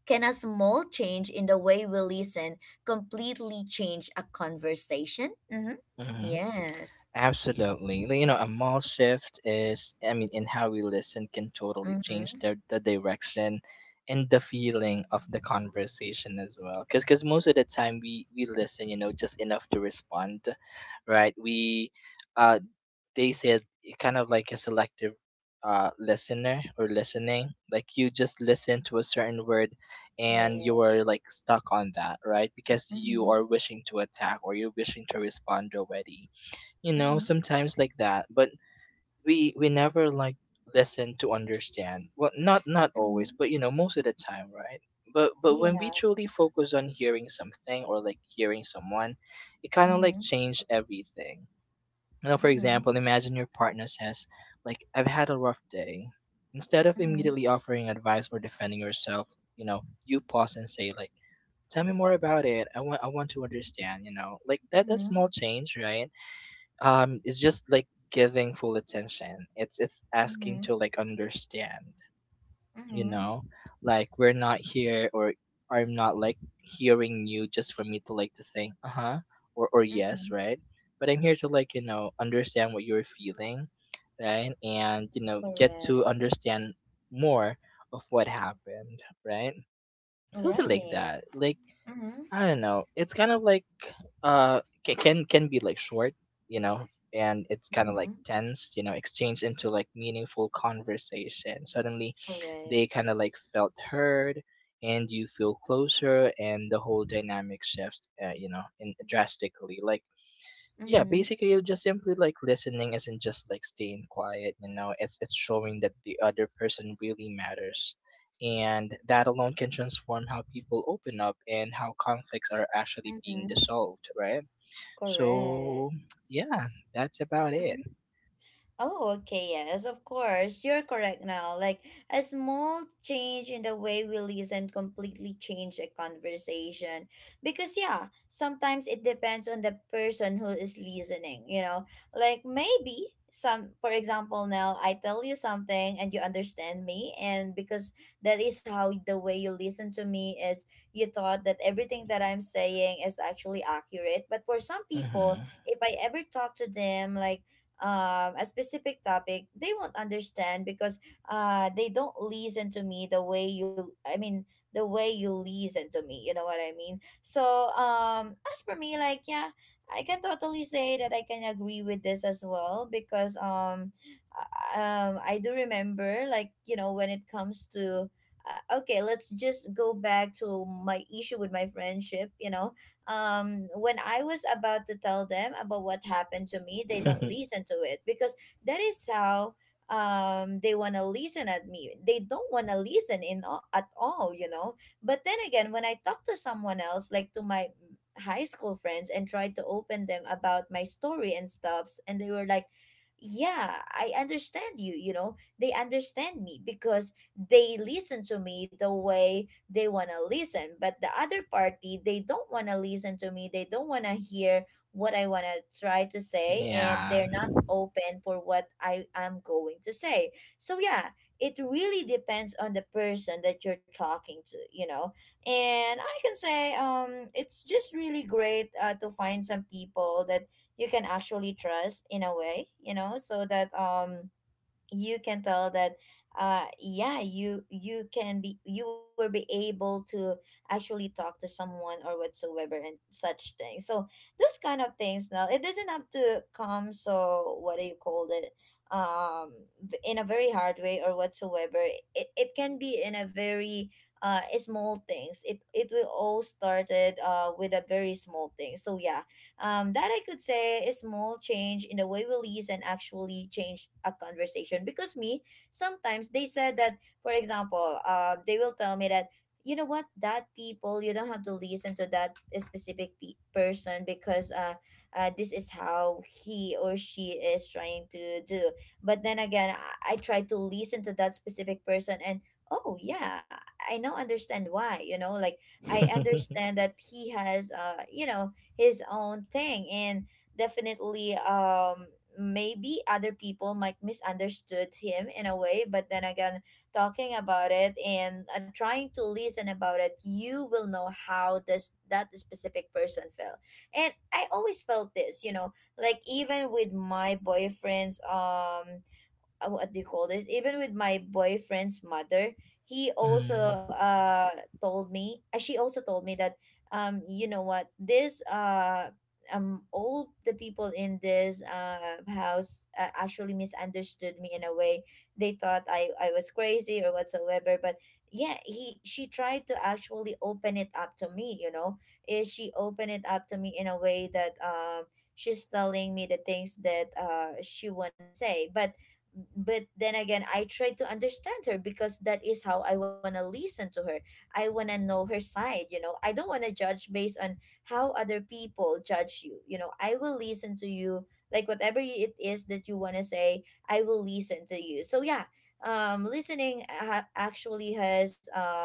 Speaker 1: can a small change in the way we listen completely change a conversation? Mm-hmm.
Speaker 2: Hmm.
Speaker 1: Yes.
Speaker 2: Absolutely. Like, you know, a mall shift is, I mean, in how we listen can totally
Speaker 1: Mm-hmm.
Speaker 2: change the direction and the feeling of the conversation as well. Because cause 'cause most of the time, we listen, you know, just enough to respond, right? We uh, they said it kind of like a selective, listener, or listening, like, you just listen to a certain word and you are,
Speaker 1: Yes.
Speaker 2: like, stuck on that, right? Because you
Speaker 1: Mm-hmm.
Speaker 2: are wishing to attack or you're wishing to respond already, you know,
Speaker 1: Mm-hmm.
Speaker 2: sometimes like that. But we never, like, listen to understand. Well, not
Speaker 1: Mm-hmm.
Speaker 2: always, but, you know, most of the time, right? But when
Speaker 1: Yeah.
Speaker 2: we truly focus on hearing something, or, like, hearing someone, it kind of like
Speaker 1: Mm-hmm.
Speaker 2: changed everything. You know, for
Speaker 1: Mm-hmm.
Speaker 2: example, imagine your partner says, like, I've had a rough day. Instead of
Speaker 1: Mm-hmm.
Speaker 2: immediately offering advice or defending yourself, you know, you pause and say, like, tell me more about it. I want to understand, you know. Like, that
Speaker 1: Mm-hmm.
Speaker 2: small change, right? It's just like giving full attention. It's asking
Speaker 1: Mm-hmm.
Speaker 2: to, like, understand, you
Speaker 1: Mm-hmm.
Speaker 2: know, like, we're not here, or I'm not like hearing you just for me to, like, to say uh-huh, or
Speaker 1: Mm-hmm.
Speaker 2: yes, right? But I'm here to, like, you know, understand what you're feeling, right? And, you know, get to
Speaker 1: Correct.
Speaker 2: understand more of what happened, right? Something like
Speaker 1: Right.
Speaker 2: that. Like,
Speaker 1: Mm-hmm.
Speaker 2: I don't know. It's kind of like can be, like, short, you know, and it's kind of
Speaker 1: Mm-hmm.
Speaker 2: like tense, you know, exchanged into, like, meaningful conversation. Suddenly, they
Speaker 1: Correct.
Speaker 2: kind of like felt heard, and you feel closer, and the whole dynamic shifts, you know, in drastically. Like, yeah,
Speaker 1: Mm-hmm.
Speaker 2: basically, you're just simply, like, listening isn't just like staying quiet, you know. It's showing that the other person really matters, and that alone can transform how people open up and how conflicts are actually being
Speaker 1: Mm-hmm.
Speaker 2: dissolved, right?
Speaker 1: Correct.
Speaker 2: So yeah, that's about it.
Speaker 1: Oh, okay, yes, of course. You're correct now. Like, a small change in the way we listen completely change a conversation. Because, yeah, sometimes it depends on the person who is listening, you know? Like, maybe some, for example, now I tell you something and you understand me, and because that is how the way you listen to me is, you thought that everything that I'm saying is actually accurate. But for some people,
Speaker 2: Hmm.
Speaker 1: if I ever talk to them, like, a specific topic, they won't understand because they don't listen to me the way you, I mean, the way you listen to me. You know what I mean? So, as for me, like, yeah, I can totally say that I can agree with this as well because I do remember, like, you know, when it comes to okay, let's just go back to my issue with my friendship, you know. When I was about to tell them about what happened to me, they don't
Speaker 2: <laughs>
Speaker 1: listen to it because that is how they want to listen at me, they don't want to listen in all, at all, you know. But then again, when I talk to someone else, like to my high school friends, and tried to open them about my story and stuffs, and they were like, yeah, I understand you, you know, they understand me because they listen to me the way they want to listen. But the other party, they don't want to listen to me, they don't want to hear what I want to try to say,
Speaker 2: Yeah.
Speaker 1: and they're not open for what I am going to say. So yeah, it really depends on the person that you're talking to, you know. And I can say it's just really great to find some people that you can actually trust in a way, you know, so that you can tell that yeah, you can be, you will be able to actually talk to someone or whatsoever and such things. So those kind of things, now it doesn't have to come so, what do you call it, um in a very hard way or whatsoever. It can be in a very small things. It will all started with a very small thing. So yeah, that I could say is small change in the way we listen actually change a conversation. Because me, sometimes they said that, for example, they will tell me that, you know what, that people, you don't have to listen to that specific person because this is how he or she is trying to do. But then again, I try to listen to that specific person and oh yeah, I now understand why, you know, like, I
Speaker 2: <laughs>
Speaker 1: understand that he has you know, his own thing. And definitely maybe other people might misunderstood him in a way, but then again, talking about it and trying to listen about it, you will know how this, that specific person felt. And I always felt this, you know, like even with my boyfriend's what do you call this? Even with my boyfriend's mother, he also
Speaker 2: Mhm.
Speaker 1: told me. She also told me that you know what, this all the people in this house actually misunderstood me in a way. They thought I was crazy or whatsoever. But yeah, he, she tried to actually open it up to me. You know. She opened it up to me in a way that she's telling me the things that she wanna say, but then again I try to understand her because that is how I want to listen to her. I want to know her side, you know. I don't want to judge based on how other people judge you. You know, I will listen to you, like whatever it is that you want to say. I will listen to you, so yeah. Listening actually has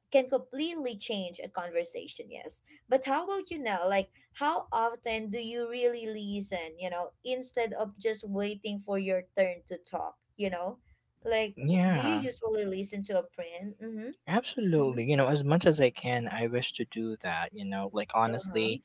Speaker 1: can completely change a conversation, yes. But how about you now, like how often do you really listen, you know, instead of just waiting for your turn to talk, you know, like do you
Speaker 2: Yeah.
Speaker 1: usually listen to a print? Mm-hmm. Mm-hmm.
Speaker 2: Absolutely. You know, as much as I can, I wish to do that. You know, like,
Speaker 1: Uh-huh.
Speaker 2: honestly,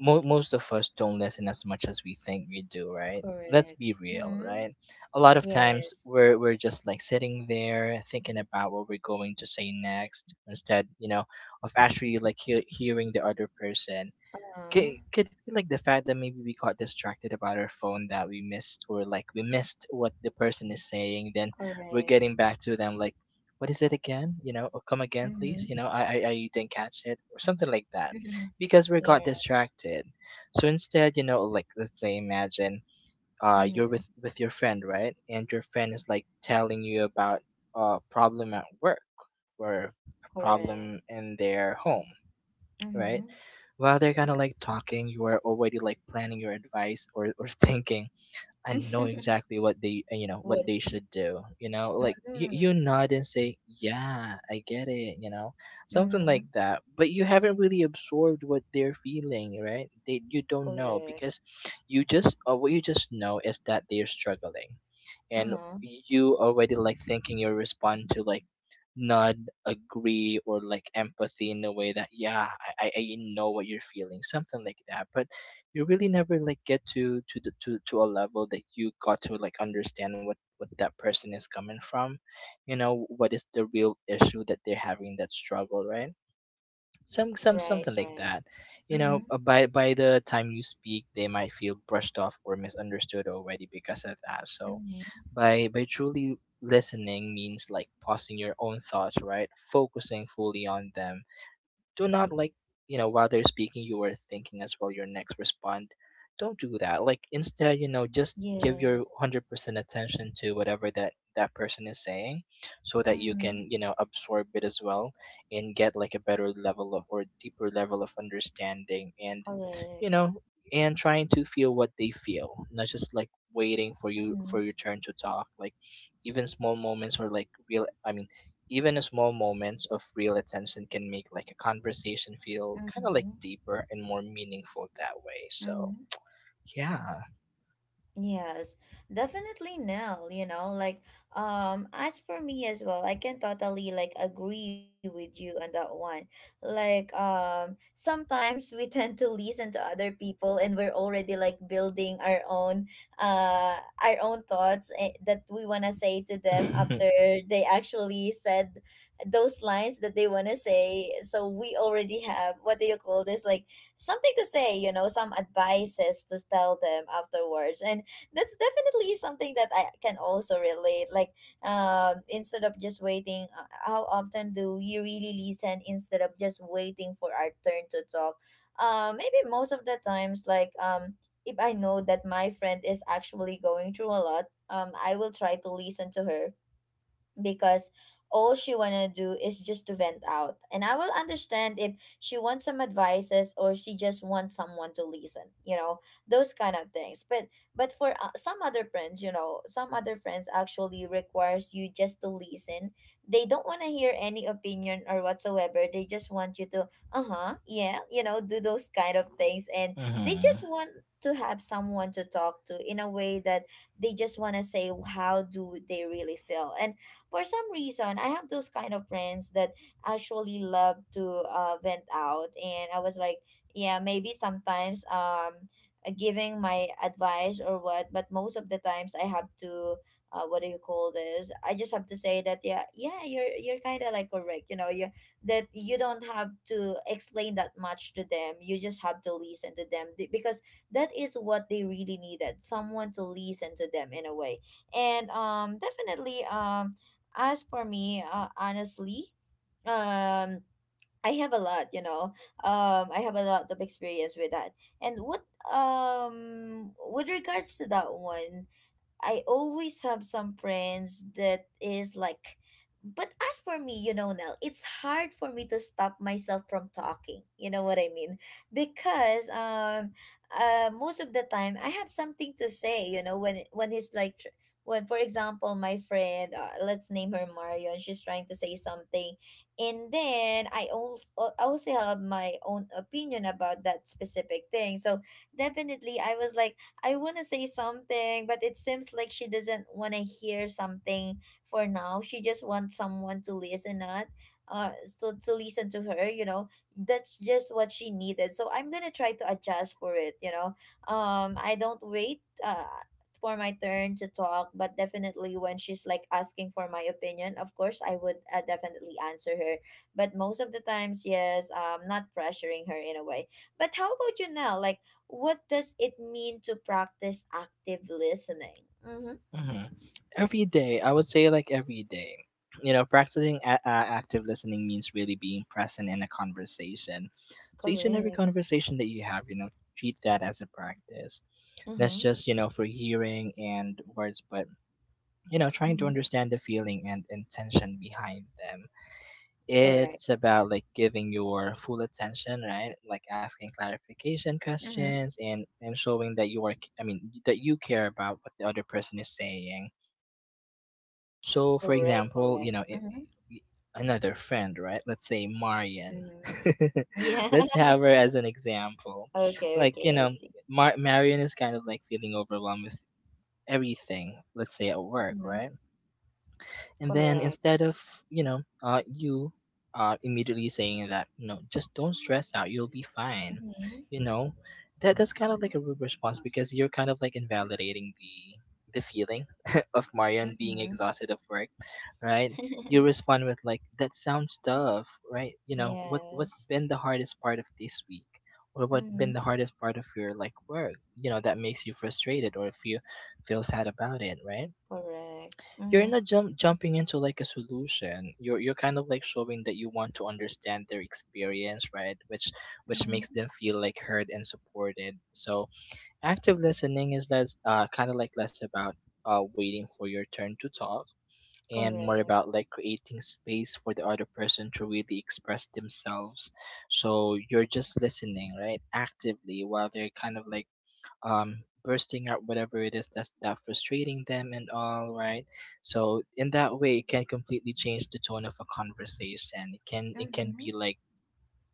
Speaker 2: most of us don't listen as much as we think we do, right? Let's
Speaker 1: Correct.
Speaker 2: be real,
Speaker 1: Mm-hmm.
Speaker 2: right? A lot of times
Speaker 1: Yes.
Speaker 2: we're just like sitting there thinking about what we're going to say next, instead, you know, of actually, like, hearing the other person.
Speaker 1: Uh-huh.
Speaker 2: Could be like the fact that maybe we got distracted about our phone that we missed or like we missed what the person is saying, then we're
Speaker 1: Correct.
Speaker 2: getting back to them like, what is it again, you know, or come again
Speaker 1: Mm-hmm.
Speaker 2: please, you know, I didn't catch it or something like that
Speaker 1: <laughs>
Speaker 2: because we
Speaker 1: Yeah.
Speaker 2: got distracted. So instead, you know, like let's say, imagine you're
Speaker 1: Mm-hmm.
Speaker 2: with your friend, right, and your friend is like telling you about a problem at work or
Speaker 1: Correct.
Speaker 2: problem in their home, right?
Speaker 1: Mm-hmm.
Speaker 2: While they're kind of like talking, you are already like planning your advice, or <laughs> thinking and know
Speaker 1: <laughs>
Speaker 2: exactly what they you know, what
Speaker 1: What?
Speaker 2: they should do, you know, like you
Speaker 1: Mm-hmm.
Speaker 2: nod and say, yeah, I get it, you know, something
Speaker 1: Mm-hmm.
Speaker 2: like that. But you haven't really absorbed what they're feeling, right? They, you don't know,
Speaker 1: Correct.
Speaker 2: because you just what you just know is that they're struggling, and
Speaker 1: Uh-huh.
Speaker 2: you already like thinking your respond to, like, nod, agree, or like empathy in a way that, yeah, I know what you're feeling, something like that. But you really never like get to to a level that you got to like understand what that person is coming from, you know, what is the real issue that they're having, that struggle, right?
Speaker 1: Right,
Speaker 2: Something like
Speaker 1: right.
Speaker 2: that. You know,
Speaker 1: Mm-hmm.
Speaker 2: by the time you speak, they might feel brushed off or misunderstood already because of that. So
Speaker 1: Mm-hmm.
Speaker 2: by truly listening means like pausing your own thoughts, right, focusing fully on them. Do not like, you know, while they're speaking, you are thinking as well your next respond. Don't do that. Like instead, you know, just give your
Speaker 1: Yes.
Speaker 2: 100% attention to whatever that that person is saying, so that you
Speaker 1: Mm-hmm.
Speaker 2: can, you know, absorb it as well and get like a better level of, or deeper level of, understanding. And you
Speaker 1: Correct.
Speaker 2: know, and trying to feel what they feel, not just like waiting for you,
Speaker 1: Mm-hmm.
Speaker 2: for your turn to talk. Like, even small moments, or like real, even small moments of real attention can make like a conversation feel kind of like deeper and more meaningful that way. So,
Speaker 1: Mm-hmm.
Speaker 2: yeah.
Speaker 1: Yes, definitely Nell, you know, like as for me as well, I can totally like agree with you on that one. Like sometimes we <laughs> tend to listen to other people, and we're already like building uh our own thoughts, that we want to say to them
Speaker 2: <laughs>
Speaker 1: after they actually said those lines that they want to say. So we already have, what do you call this, like something to say, you know, some advices to tell them afterwards. And that's definitely something that I can also relate. Like, instead of just waiting, how often do you really listen instead of just waiting for our turn to talk? Maybe most of the times, like, if I know that my friend is actually going through a lot, I will try to listen to her because all she wanna do is just to vent out. And I will understand if she wants some advices or she just wants someone to listen, you know, those kind of things. But for some other friends, you know, some other friends actually requires you just to listen. They don't wanna hear any opinion or whatsoever. They just want you to uh-huh, yeah, you know, do those kind of things. And they
Speaker 2: Hmm.
Speaker 1: just want to have someone to talk to in a way that they just want to say how do they really feel. And for some reason, I have those kind of friends that actually love to vent out, and I was like, yeah, maybe sometimes giving my advice or what, but most of the times I have to what do you call this? I just have to say that yeah, yeah, you're kind of like correct, you know, you that you don't have to explain that much to them. You just have to listen to them because that is what they really needed, someone to listen to them in a way. And definitely as for me, honestly, um, I have a lot, you know. I have a lot of experience with that. And what with regards to that one, I always have some friends that is like, but as for me, you know, Nell, it's hard for me to stop myself from talking. You know what I mean? Because most of the time I have something to say. You know, when he's like, when for example, my friend, let's name her Marion, she's trying to say something, and then I also have my own opinion about that specific thing. So definitely, I was like I want to say something, but it seems like she doesn't want to hear something for now. She just wants someone to listen at, so to listen to her. You know, that's just what she needed. So I'm gonna try to adjust for it. You know, I don't wait. For my turn to talk, but definitely when she's like asking for my opinion, of course I would, definitely answer her. But most of the times, yes, not pressuring her in a way. But how about you now, like what does it mean to practice active listening? Mm-hmm.
Speaker 2: Hmm. Every day, I would say, like every day. You know, practicing active listening means really being present in a conversation. So each and every
Speaker 1: Correct.
Speaker 2: conversation that you have, you know, treat that as a practice. That's
Speaker 1: Uh-huh.
Speaker 2: just, you know, for hearing and words, but you know, trying to
Speaker 1: Mm-hmm.
Speaker 2: understand the feeling and intention behind them. It's
Speaker 1: Correct.
Speaker 2: about like giving your full attention, right? Like asking clarification
Speaker 1: Mm-hmm.
Speaker 2: questions, and showing that you are that you care about what the other person is saying. So for
Speaker 1: Correct,
Speaker 2: example, you
Speaker 1: correct.
Speaker 2: know,
Speaker 1: Mm-hmm.
Speaker 2: i- another friend, right? Let's say Marian.
Speaker 1: Mm-hmm.
Speaker 2: <laughs>
Speaker 1: Yeah.
Speaker 2: Let's have her as an example.
Speaker 1: <laughs> Okay,
Speaker 2: Like, you
Speaker 1: okay, I
Speaker 2: know,
Speaker 1: see.
Speaker 2: Marian is kind of like feeling overwhelmed with everything, let's say at work,
Speaker 1: Mm-hmm.
Speaker 2: right? And then,
Speaker 1: Correct.
Speaker 2: instead of, you know, you are immediately saying that, no, just don't stress out, you'll be fine, you
Speaker 1: Mm-hmm.
Speaker 2: know, that that's kind of like a rude response, because you're kind of like invalidating the feeling <laughs> of Marian being
Speaker 1: Mm-hmm.
Speaker 2: exhausted of work, right? You
Speaker 1: <laughs>
Speaker 2: respond with like, that sounds tough, right? You know, what what's
Speaker 1: Yes.
Speaker 2: been the hardest part of this week, or what been
Speaker 1: Mm-hmm.
Speaker 2: the hardest part of your like work, you know, that makes you frustrated, or if you feel sad about it, right?
Speaker 1: Correct.
Speaker 2: You're
Speaker 1: Mm-hmm.
Speaker 2: not jumping into like a solution. You're kind of like showing that you want to understand their experience, right, which makes
Speaker 1: Mm-hmm.
Speaker 2: them feel like heard and supported. So active listening is less, kind of like less about waiting for your turn to talk, and more
Speaker 1: Correct.
Speaker 2: about like creating space for the other person to really express themselves. So you're just listening, right, actively, while they're kind of like bursting out whatever it is that's that frustrating them, and all right. So in that way, it can completely change the tone of a conversation. It can, it can
Speaker 1: Mm-hmm.
Speaker 2: be like,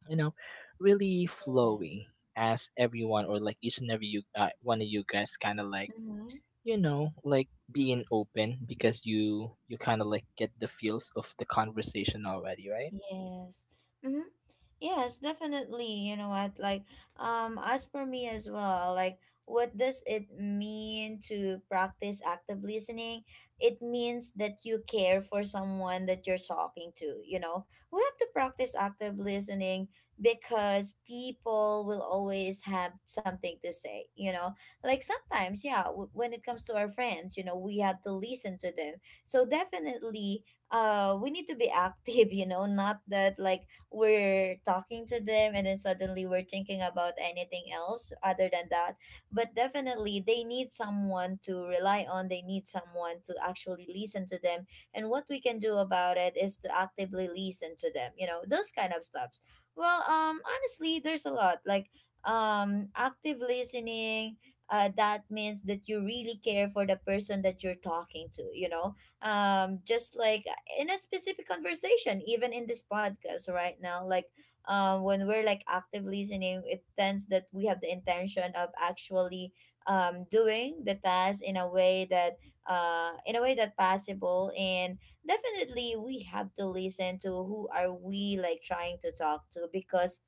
Speaker 2: you know, really
Speaker 1: Yes.
Speaker 2: flowing, as everyone, or like each and every, you one of you guys kind of like,
Speaker 1: Mm-hmm.
Speaker 2: you know, like being open, because you kind of like get the feels of the conversation already, right?
Speaker 1: Yes. Mm-hmm. Yes, definitely. You know what? Like, as for me as well, like, what does it mean to practice active listening? It means that you care for someone that you're talking to, you know? We have to practice active listening because people will always have something to say, you know? Like, sometimes, yeah, when it comes to our friends, you know, we have to listen to them. So, definitely, we need to be <laughs> active, you know, not that like we're talking to them and then suddenly we're thinking about anything else other than that. But definitely they need someone to rely on. They need someone to actually listen to them, and what we can do about it is to actively listen to them, you know, those kind of stuffs. Well, honestly there's a lot, like active listening, that means that you really care for the person that you're talking to, you know. Just like in a specific conversation, even in this podcast right now, like when we're like active listening, it tends that we have the intention of actually doing the task in a way that in a way that possible. And definitely we have to listen to who are we like trying to talk to, because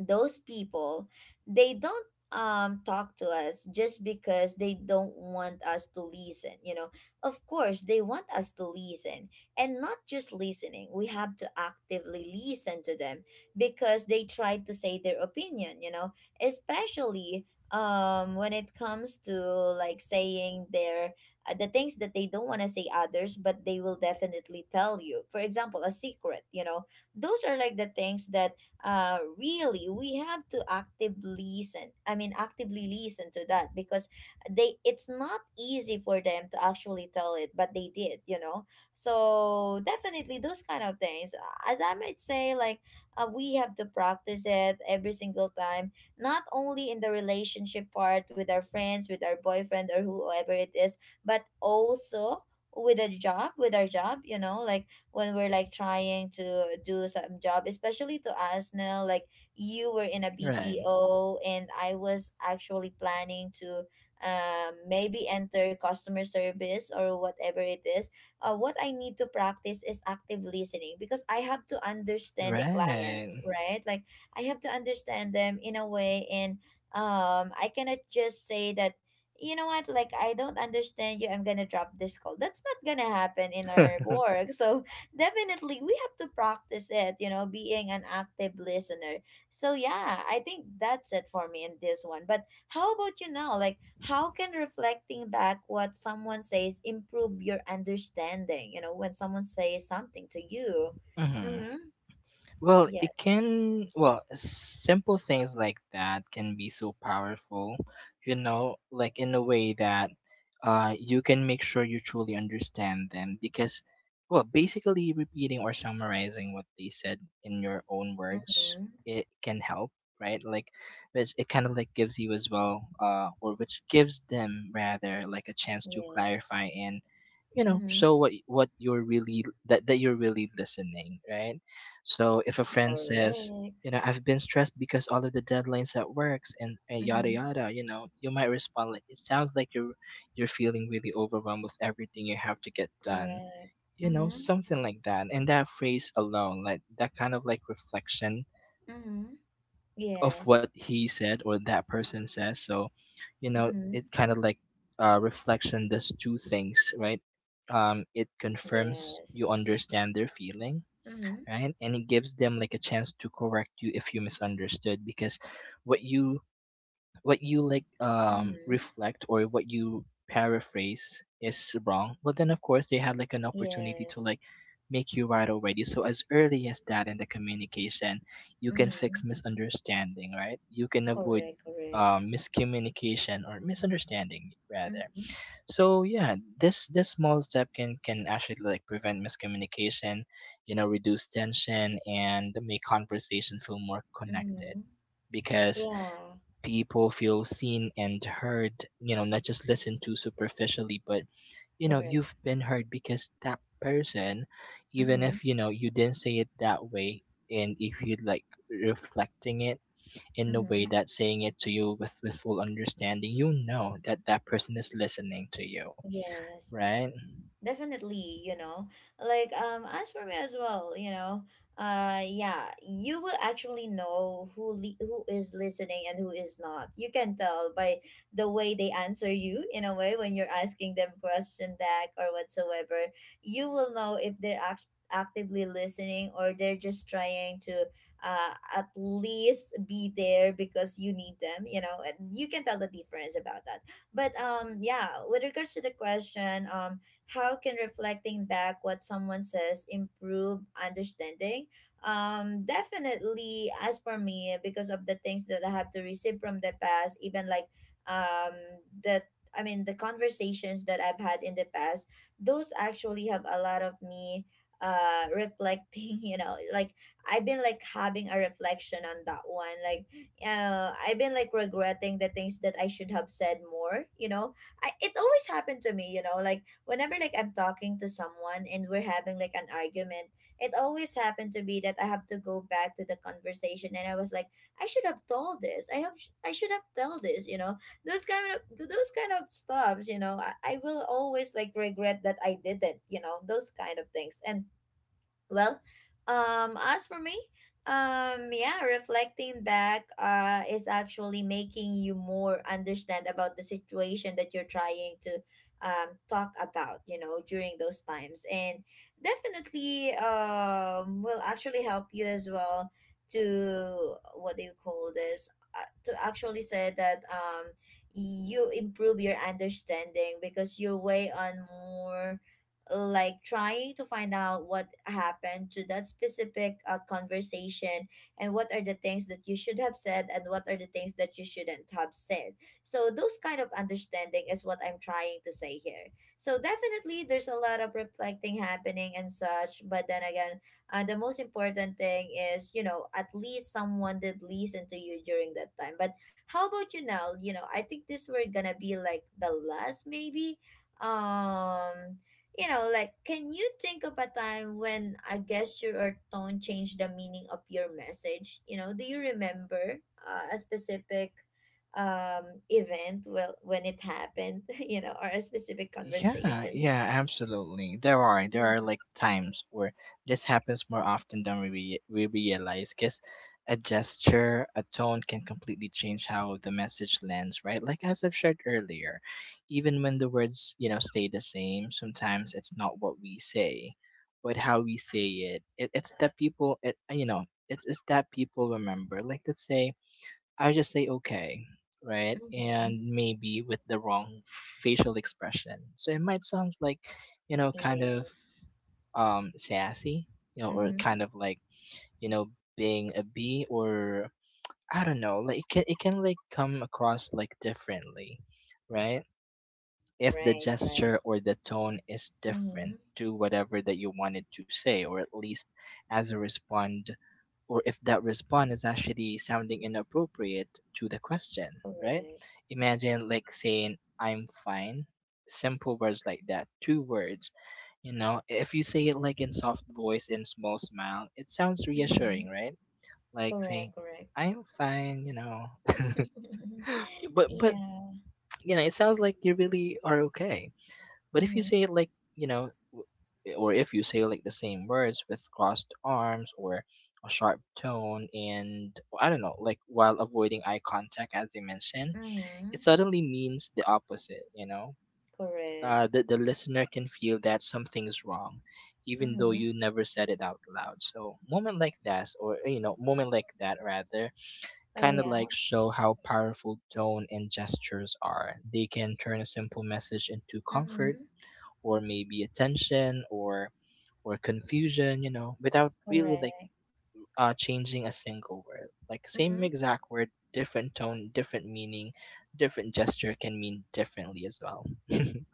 Speaker 1: those people, they don't talk to us just because they don't want us to listen, you know. Of course they want us to listen, and not just listening, we have to actively listen to them because they try to say their opinion, you know. Especially when it comes to like saying their the things that they don't want to say others, but they will definitely tell you for example a secret, you know. Those are like the things that really we have to actively listen, I mean actively listen to that, because they, it's not easy for them to actually tell it, but they did, you know. So definitely those kind of things, as I might say, like we have to practice it every single time, not only in the relationship part with our friends, with our boyfriend, or whoever it is, but also with a job, with our job, you know, like when we're like trying to do some job, especially to us now. Like you were in a
Speaker 2: Right,
Speaker 1: BPO, and I was actually planning to maybe enter customer service or whatever it is. What I need to practice is active listening because I have to understand the
Speaker 2: right.
Speaker 1: clients, right? Like I have to understand them in a way. And I cannot just say that you know what, like I don't understand you, I'm gonna drop this call. That's not gonna happen in our work. <laughs> So definitely, we have to practice it, you know, being an active listener. So, yeah, I think that's it for me in this one. But how about you now? Like, how can reflecting back what someone says improve your understanding? You know, when someone says something to you.
Speaker 2: Hmm.
Speaker 1: Mm-hmm.
Speaker 2: Well, it
Speaker 1: Yes.
Speaker 2: can, well, simple things like that can be so powerful, you know, like in a way that, you can make sure you truly understand them, because, well, basically repeating or summarizing what they said in your own words,
Speaker 1: Mm-hmm.
Speaker 2: it can help, right? Like, which it kind of like gives you as well, or which gives them rather, like a chance to
Speaker 1: Yes.
Speaker 2: clarify, and, you know,
Speaker 1: Mm-hmm.
Speaker 2: show what you're really, that that you're really listening, right? So if a friend says,
Speaker 1: Correct.
Speaker 2: you know, I've been stressed because all of the deadlines at works, and yada
Speaker 1: Mm-hmm.
Speaker 2: yada, you know, you might respond like, it sounds like you're feeling really overwhelmed with everything you have to get done.
Speaker 1: Correct.
Speaker 2: You know,
Speaker 1: Mm-hmm.
Speaker 2: something like that. And that phrase alone, like that kind of like reflection
Speaker 1: Mm-hmm.
Speaker 2: of
Speaker 1: Yes.
Speaker 2: what he said, or that person says. So, you know,
Speaker 1: Mm-hmm.
Speaker 2: it kind of like, uh, reflection does two things, right? It confirms you
Speaker 1: Yes.
Speaker 2: understand their feeling,
Speaker 1: Mm-hmm.
Speaker 2: right, and it gives them like a chance to correct you if you misunderstood, because what you, what you like, um,
Speaker 1: Mm-hmm.
Speaker 2: reflect, or what you paraphrase is wrong, well, then of course they had like an opportunity to
Speaker 1: Yes.
Speaker 2: like make you right already, so as early as that in the communication, you can fix
Speaker 1: Mm,
Speaker 2: misunderstanding, right? You can avoid,
Speaker 1: correct, correct.
Speaker 2: miscommunication or misunderstanding rather.
Speaker 1: Mm-hmm,
Speaker 2: So yeah, this small step can actually like prevent miscommunication, you know, reduce tension and make conversation feel more connected,
Speaker 1: mm-hmm.
Speaker 2: because
Speaker 1: Yeah,
Speaker 2: people feel seen and heard, you know, not just listened to superficially, but you know,
Speaker 1: correct.
Speaker 2: you've been heard, because that person, even
Speaker 1: Mm-hmm,
Speaker 2: if you know you didn't say it that way, and if you like reflecting it in a way
Speaker 1: mm-hmm.
Speaker 2: that saying it to you with full understanding, you know that that person is listening to you,
Speaker 1: Yes.
Speaker 2: right?
Speaker 1: Definitely, you know, like as for me as well, you know, yeah, you will actually know who who is listening and who is not. You can tell by the way they answer you in a way when you're asking them question back or whatsoever. You will know if they're actively listening, or they're just trying to uh at least be there because you need them. You know, and you can tell the difference about that. But yeah, with regards to the question, how can reflecting back what someone says improve understanding? Definitely, as for me, because of the things that I have to receive from the past, even like um, the I mean, the conversations that I've had in the past, those actually have a lot of me reflecting. <laughs> You know, like I've been like having a reflection on that one, like I've been like regretting the things that I should have said more, you know. I, it always happened to me, you know, like whenever like I'm talking to someone and we're having like an argument, it always happened to be that I have to go back to the conversation, and I was like, I should have told this. I have I should have told this, you know. Those kind of stuffs, you know. I will always like regret that I didn't, you know, those kind of things. And well, as for me, yeah, reflecting back, is actually making you more understand about the situation that you're trying to, talk about, you know, during those times. And definitely, will actually help you as well to what do you call this? To actually say that, you improve your understanding because you're way on more like trying to find out what happened to that specific conversation, and what are the things that you should have said and what are the things that you shouldn't have said. So those kind of understanding is what I'm trying to say here. So definitely there's a lot of reflecting happening and such, but then again, the most important thing is, you know, at least someone did listen to you during that time. But how about you now? You know, I think this were gonna be like the last maybe. um you know, like, can you think of a time when a gesture or tone changed the meaning of your message? You know, do you remember a specific event, well, when it happened, <laughs> you know, or a specific
Speaker 2: Yeah,
Speaker 1: conversation?
Speaker 2: yeah, absolutely. There are like times where this happens more often than we we realize, because a gesture, a tone can completely change how the message lands, right? Like as I've shared earlier, even when the words, you know, stay the same, sometimes it's not what we say, but how we say it. You know, it's that people remember. Like let's say I just say, okay, right?
Speaker 1: Mm-hmm.
Speaker 2: And maybe with the wrong facial expression, so it might sound like, you know, kind of,
Speaker 1: Yes.
Speaker 2: um, sassy, you know, or
Speaker 1: Mm-hmm.
Speaker 2: kind of like, you know, being a bee, or I don't know, like it can, it can like come across like differently, right? If the
Speaker 1: Right, right.
Speaker 2: gesture or the tone is different
Speaker 1: Mm-hmm.
Speaker 2: to whatever that you wanted to say, or at least as a respond, or if that response is actually sounding inappropriate to the question, right?
Speaker 1: Correct.
Speaker 2: Imagine like saying, I'm fine. Simple words like that, two words, you know, if you say it like in soft voice and small smile, it sounds
Speaker 1: Mm-hmm.
Speaker 2: reassuring, right, like
Speaker 1: Correct,
Speaker 2: saying,
Speaker 1: correct.
Speaker 2: I'm fine, you know, <laughs>
Speaker 1: <laughs>
Speaker 2: but,
Speaker 1: Yeah.
Speaker 2: you know, it sounds like you really are okay. But if you
Speaker 1: Mm-hmm.
Speaker 2: say it like, you know, or if you say like the same words with crossed arms or a sharp tone, and I don't know, like while avoiding eye contact, as you mentioned,
Speaker 1: Mm-hmm.
Speaker 2: it suddenly means the opposite, you know?
Speaker 1: Correct.
Speaker 2: The listener can feel that something's wrong, even though
Speaker 1: Mm-hmm.
Speaker 2: you never said it out loud. So moment like that, or you know, moment like that rather,
Speaker 1: Oh,
Speaker 2: kind of
Speaker 1: yeah.
Speaker 2: like show how powerful tone and gestures are. They can turn a simple message into comfort,
Speaker 1: Mm-hmm.
Speaker 2: or maybe attention, or confusion, you know, without really like,
Speaker 1: Correct.
Speaker 2: uh, changing a single word. Like same
Speaker 1: Mm-hmm.
Speaker 2: exact word, different tone, different meaning, different gesture can mean differently as well. <laughs>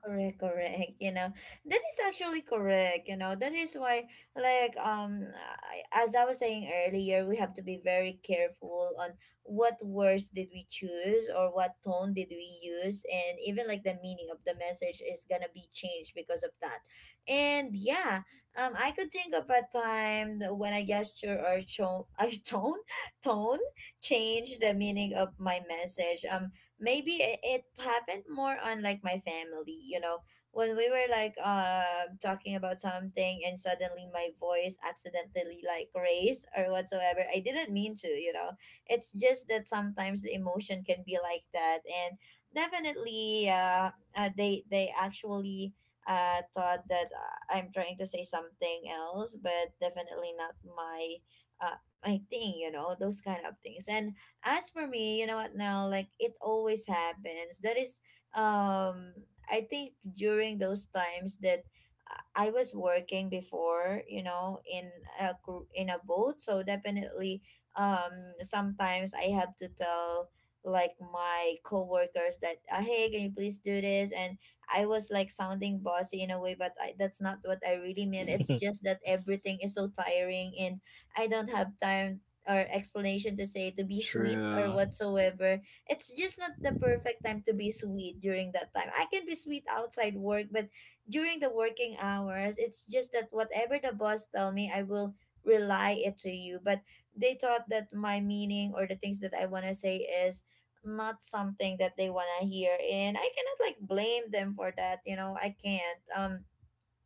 Speaker 1: Correct, correct. You know, that is actually correct. You know, that is why, like, I, as I was saying earlier, we have to be very careful on what words did we choose or what tone did we use, and even like the meaning of the message is gonna be changed because of that. And yeah, I could think of a time that when a gesture or tone, <laughs> a tone, tone changed the meaning of my message. Maybe it happened more on like my family, you know, when we were like talking about something and suddenly my voice accidentally like raised or whatsoever, I didn't mean to, you know. It's just that sometimes the emotion can be like that. And definitely they actually thought that I'm trying to say something else, but definitely not my my thing, you know, those kind of things. And as for me, you know what, now like it always happens, that is, um I think during those times that I was working before, you know, in in a boat. So definitely, um sometimes I have to tell like my coworkers that, hey, can you please do this. And I was like sounding bossy in a way, but I, that's not what I really mean. It's
Speaker 2: <laughs>
Speaker 1: just that everything is so tiring, and I don't have time or explanation to say, to be sweet or
Speaker 2: True.
Speaker 1: whatsoever. It's just not the perfect time to be sweet. During that time I can be sweet outside work, but during the working hours, it's just that whatever the boss tell me, I will rely it to you. But they thought that my meaning or the things that I want to say is not something that they want to hear, and I cannot like blame them for that, you know. I can't, um,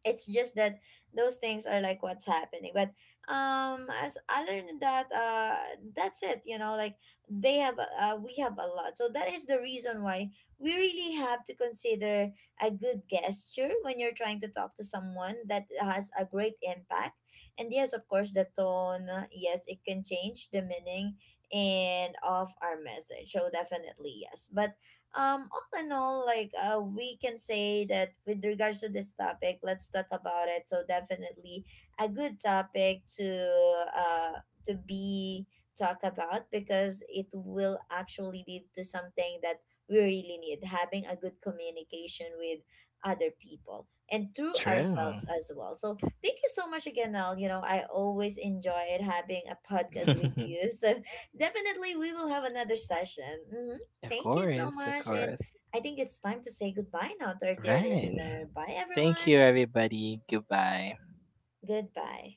Speaker 1: it's just that those things are like what's happening. But as, other than that, that's it, you know, like they have, we have a lot. So that is the reason why we really have to consider a good gesture. When you're trying to talk to someone, that has a great impact. And yes, of course, the tone, yes, it can change the meaning and of our message. So definitely yes. But all in all, like, we can say that with regards to this topic, let's talk about it. So definitely a good topic uh to be talk about, because it will actually lead to something that we really need, having a good communication with other people and through
Speaker 2: True.
Speaker 1: ourselves as well. So thank you so much again, Al. You know, I always enjoyed having a podcast with
Speaker 2: <laughs>
Speaker 1: you, so <laughs> definitely we will have another session. Mhm.
Speaker 2: Of
Speaker 1: Thank you so
Speaker 2: course, of
Speaker 1: much. And
Speaker 2: course.
Speaker 1: I think it's time to say goodbye now to our dear
Speaker 2: Right.
Speaker 1: listener. Bye,
Speaker 2: Thank you,
Speaker 1: everyone.
Speaker 2: everybody. Goodbye.
Speaker 1: Goodbye.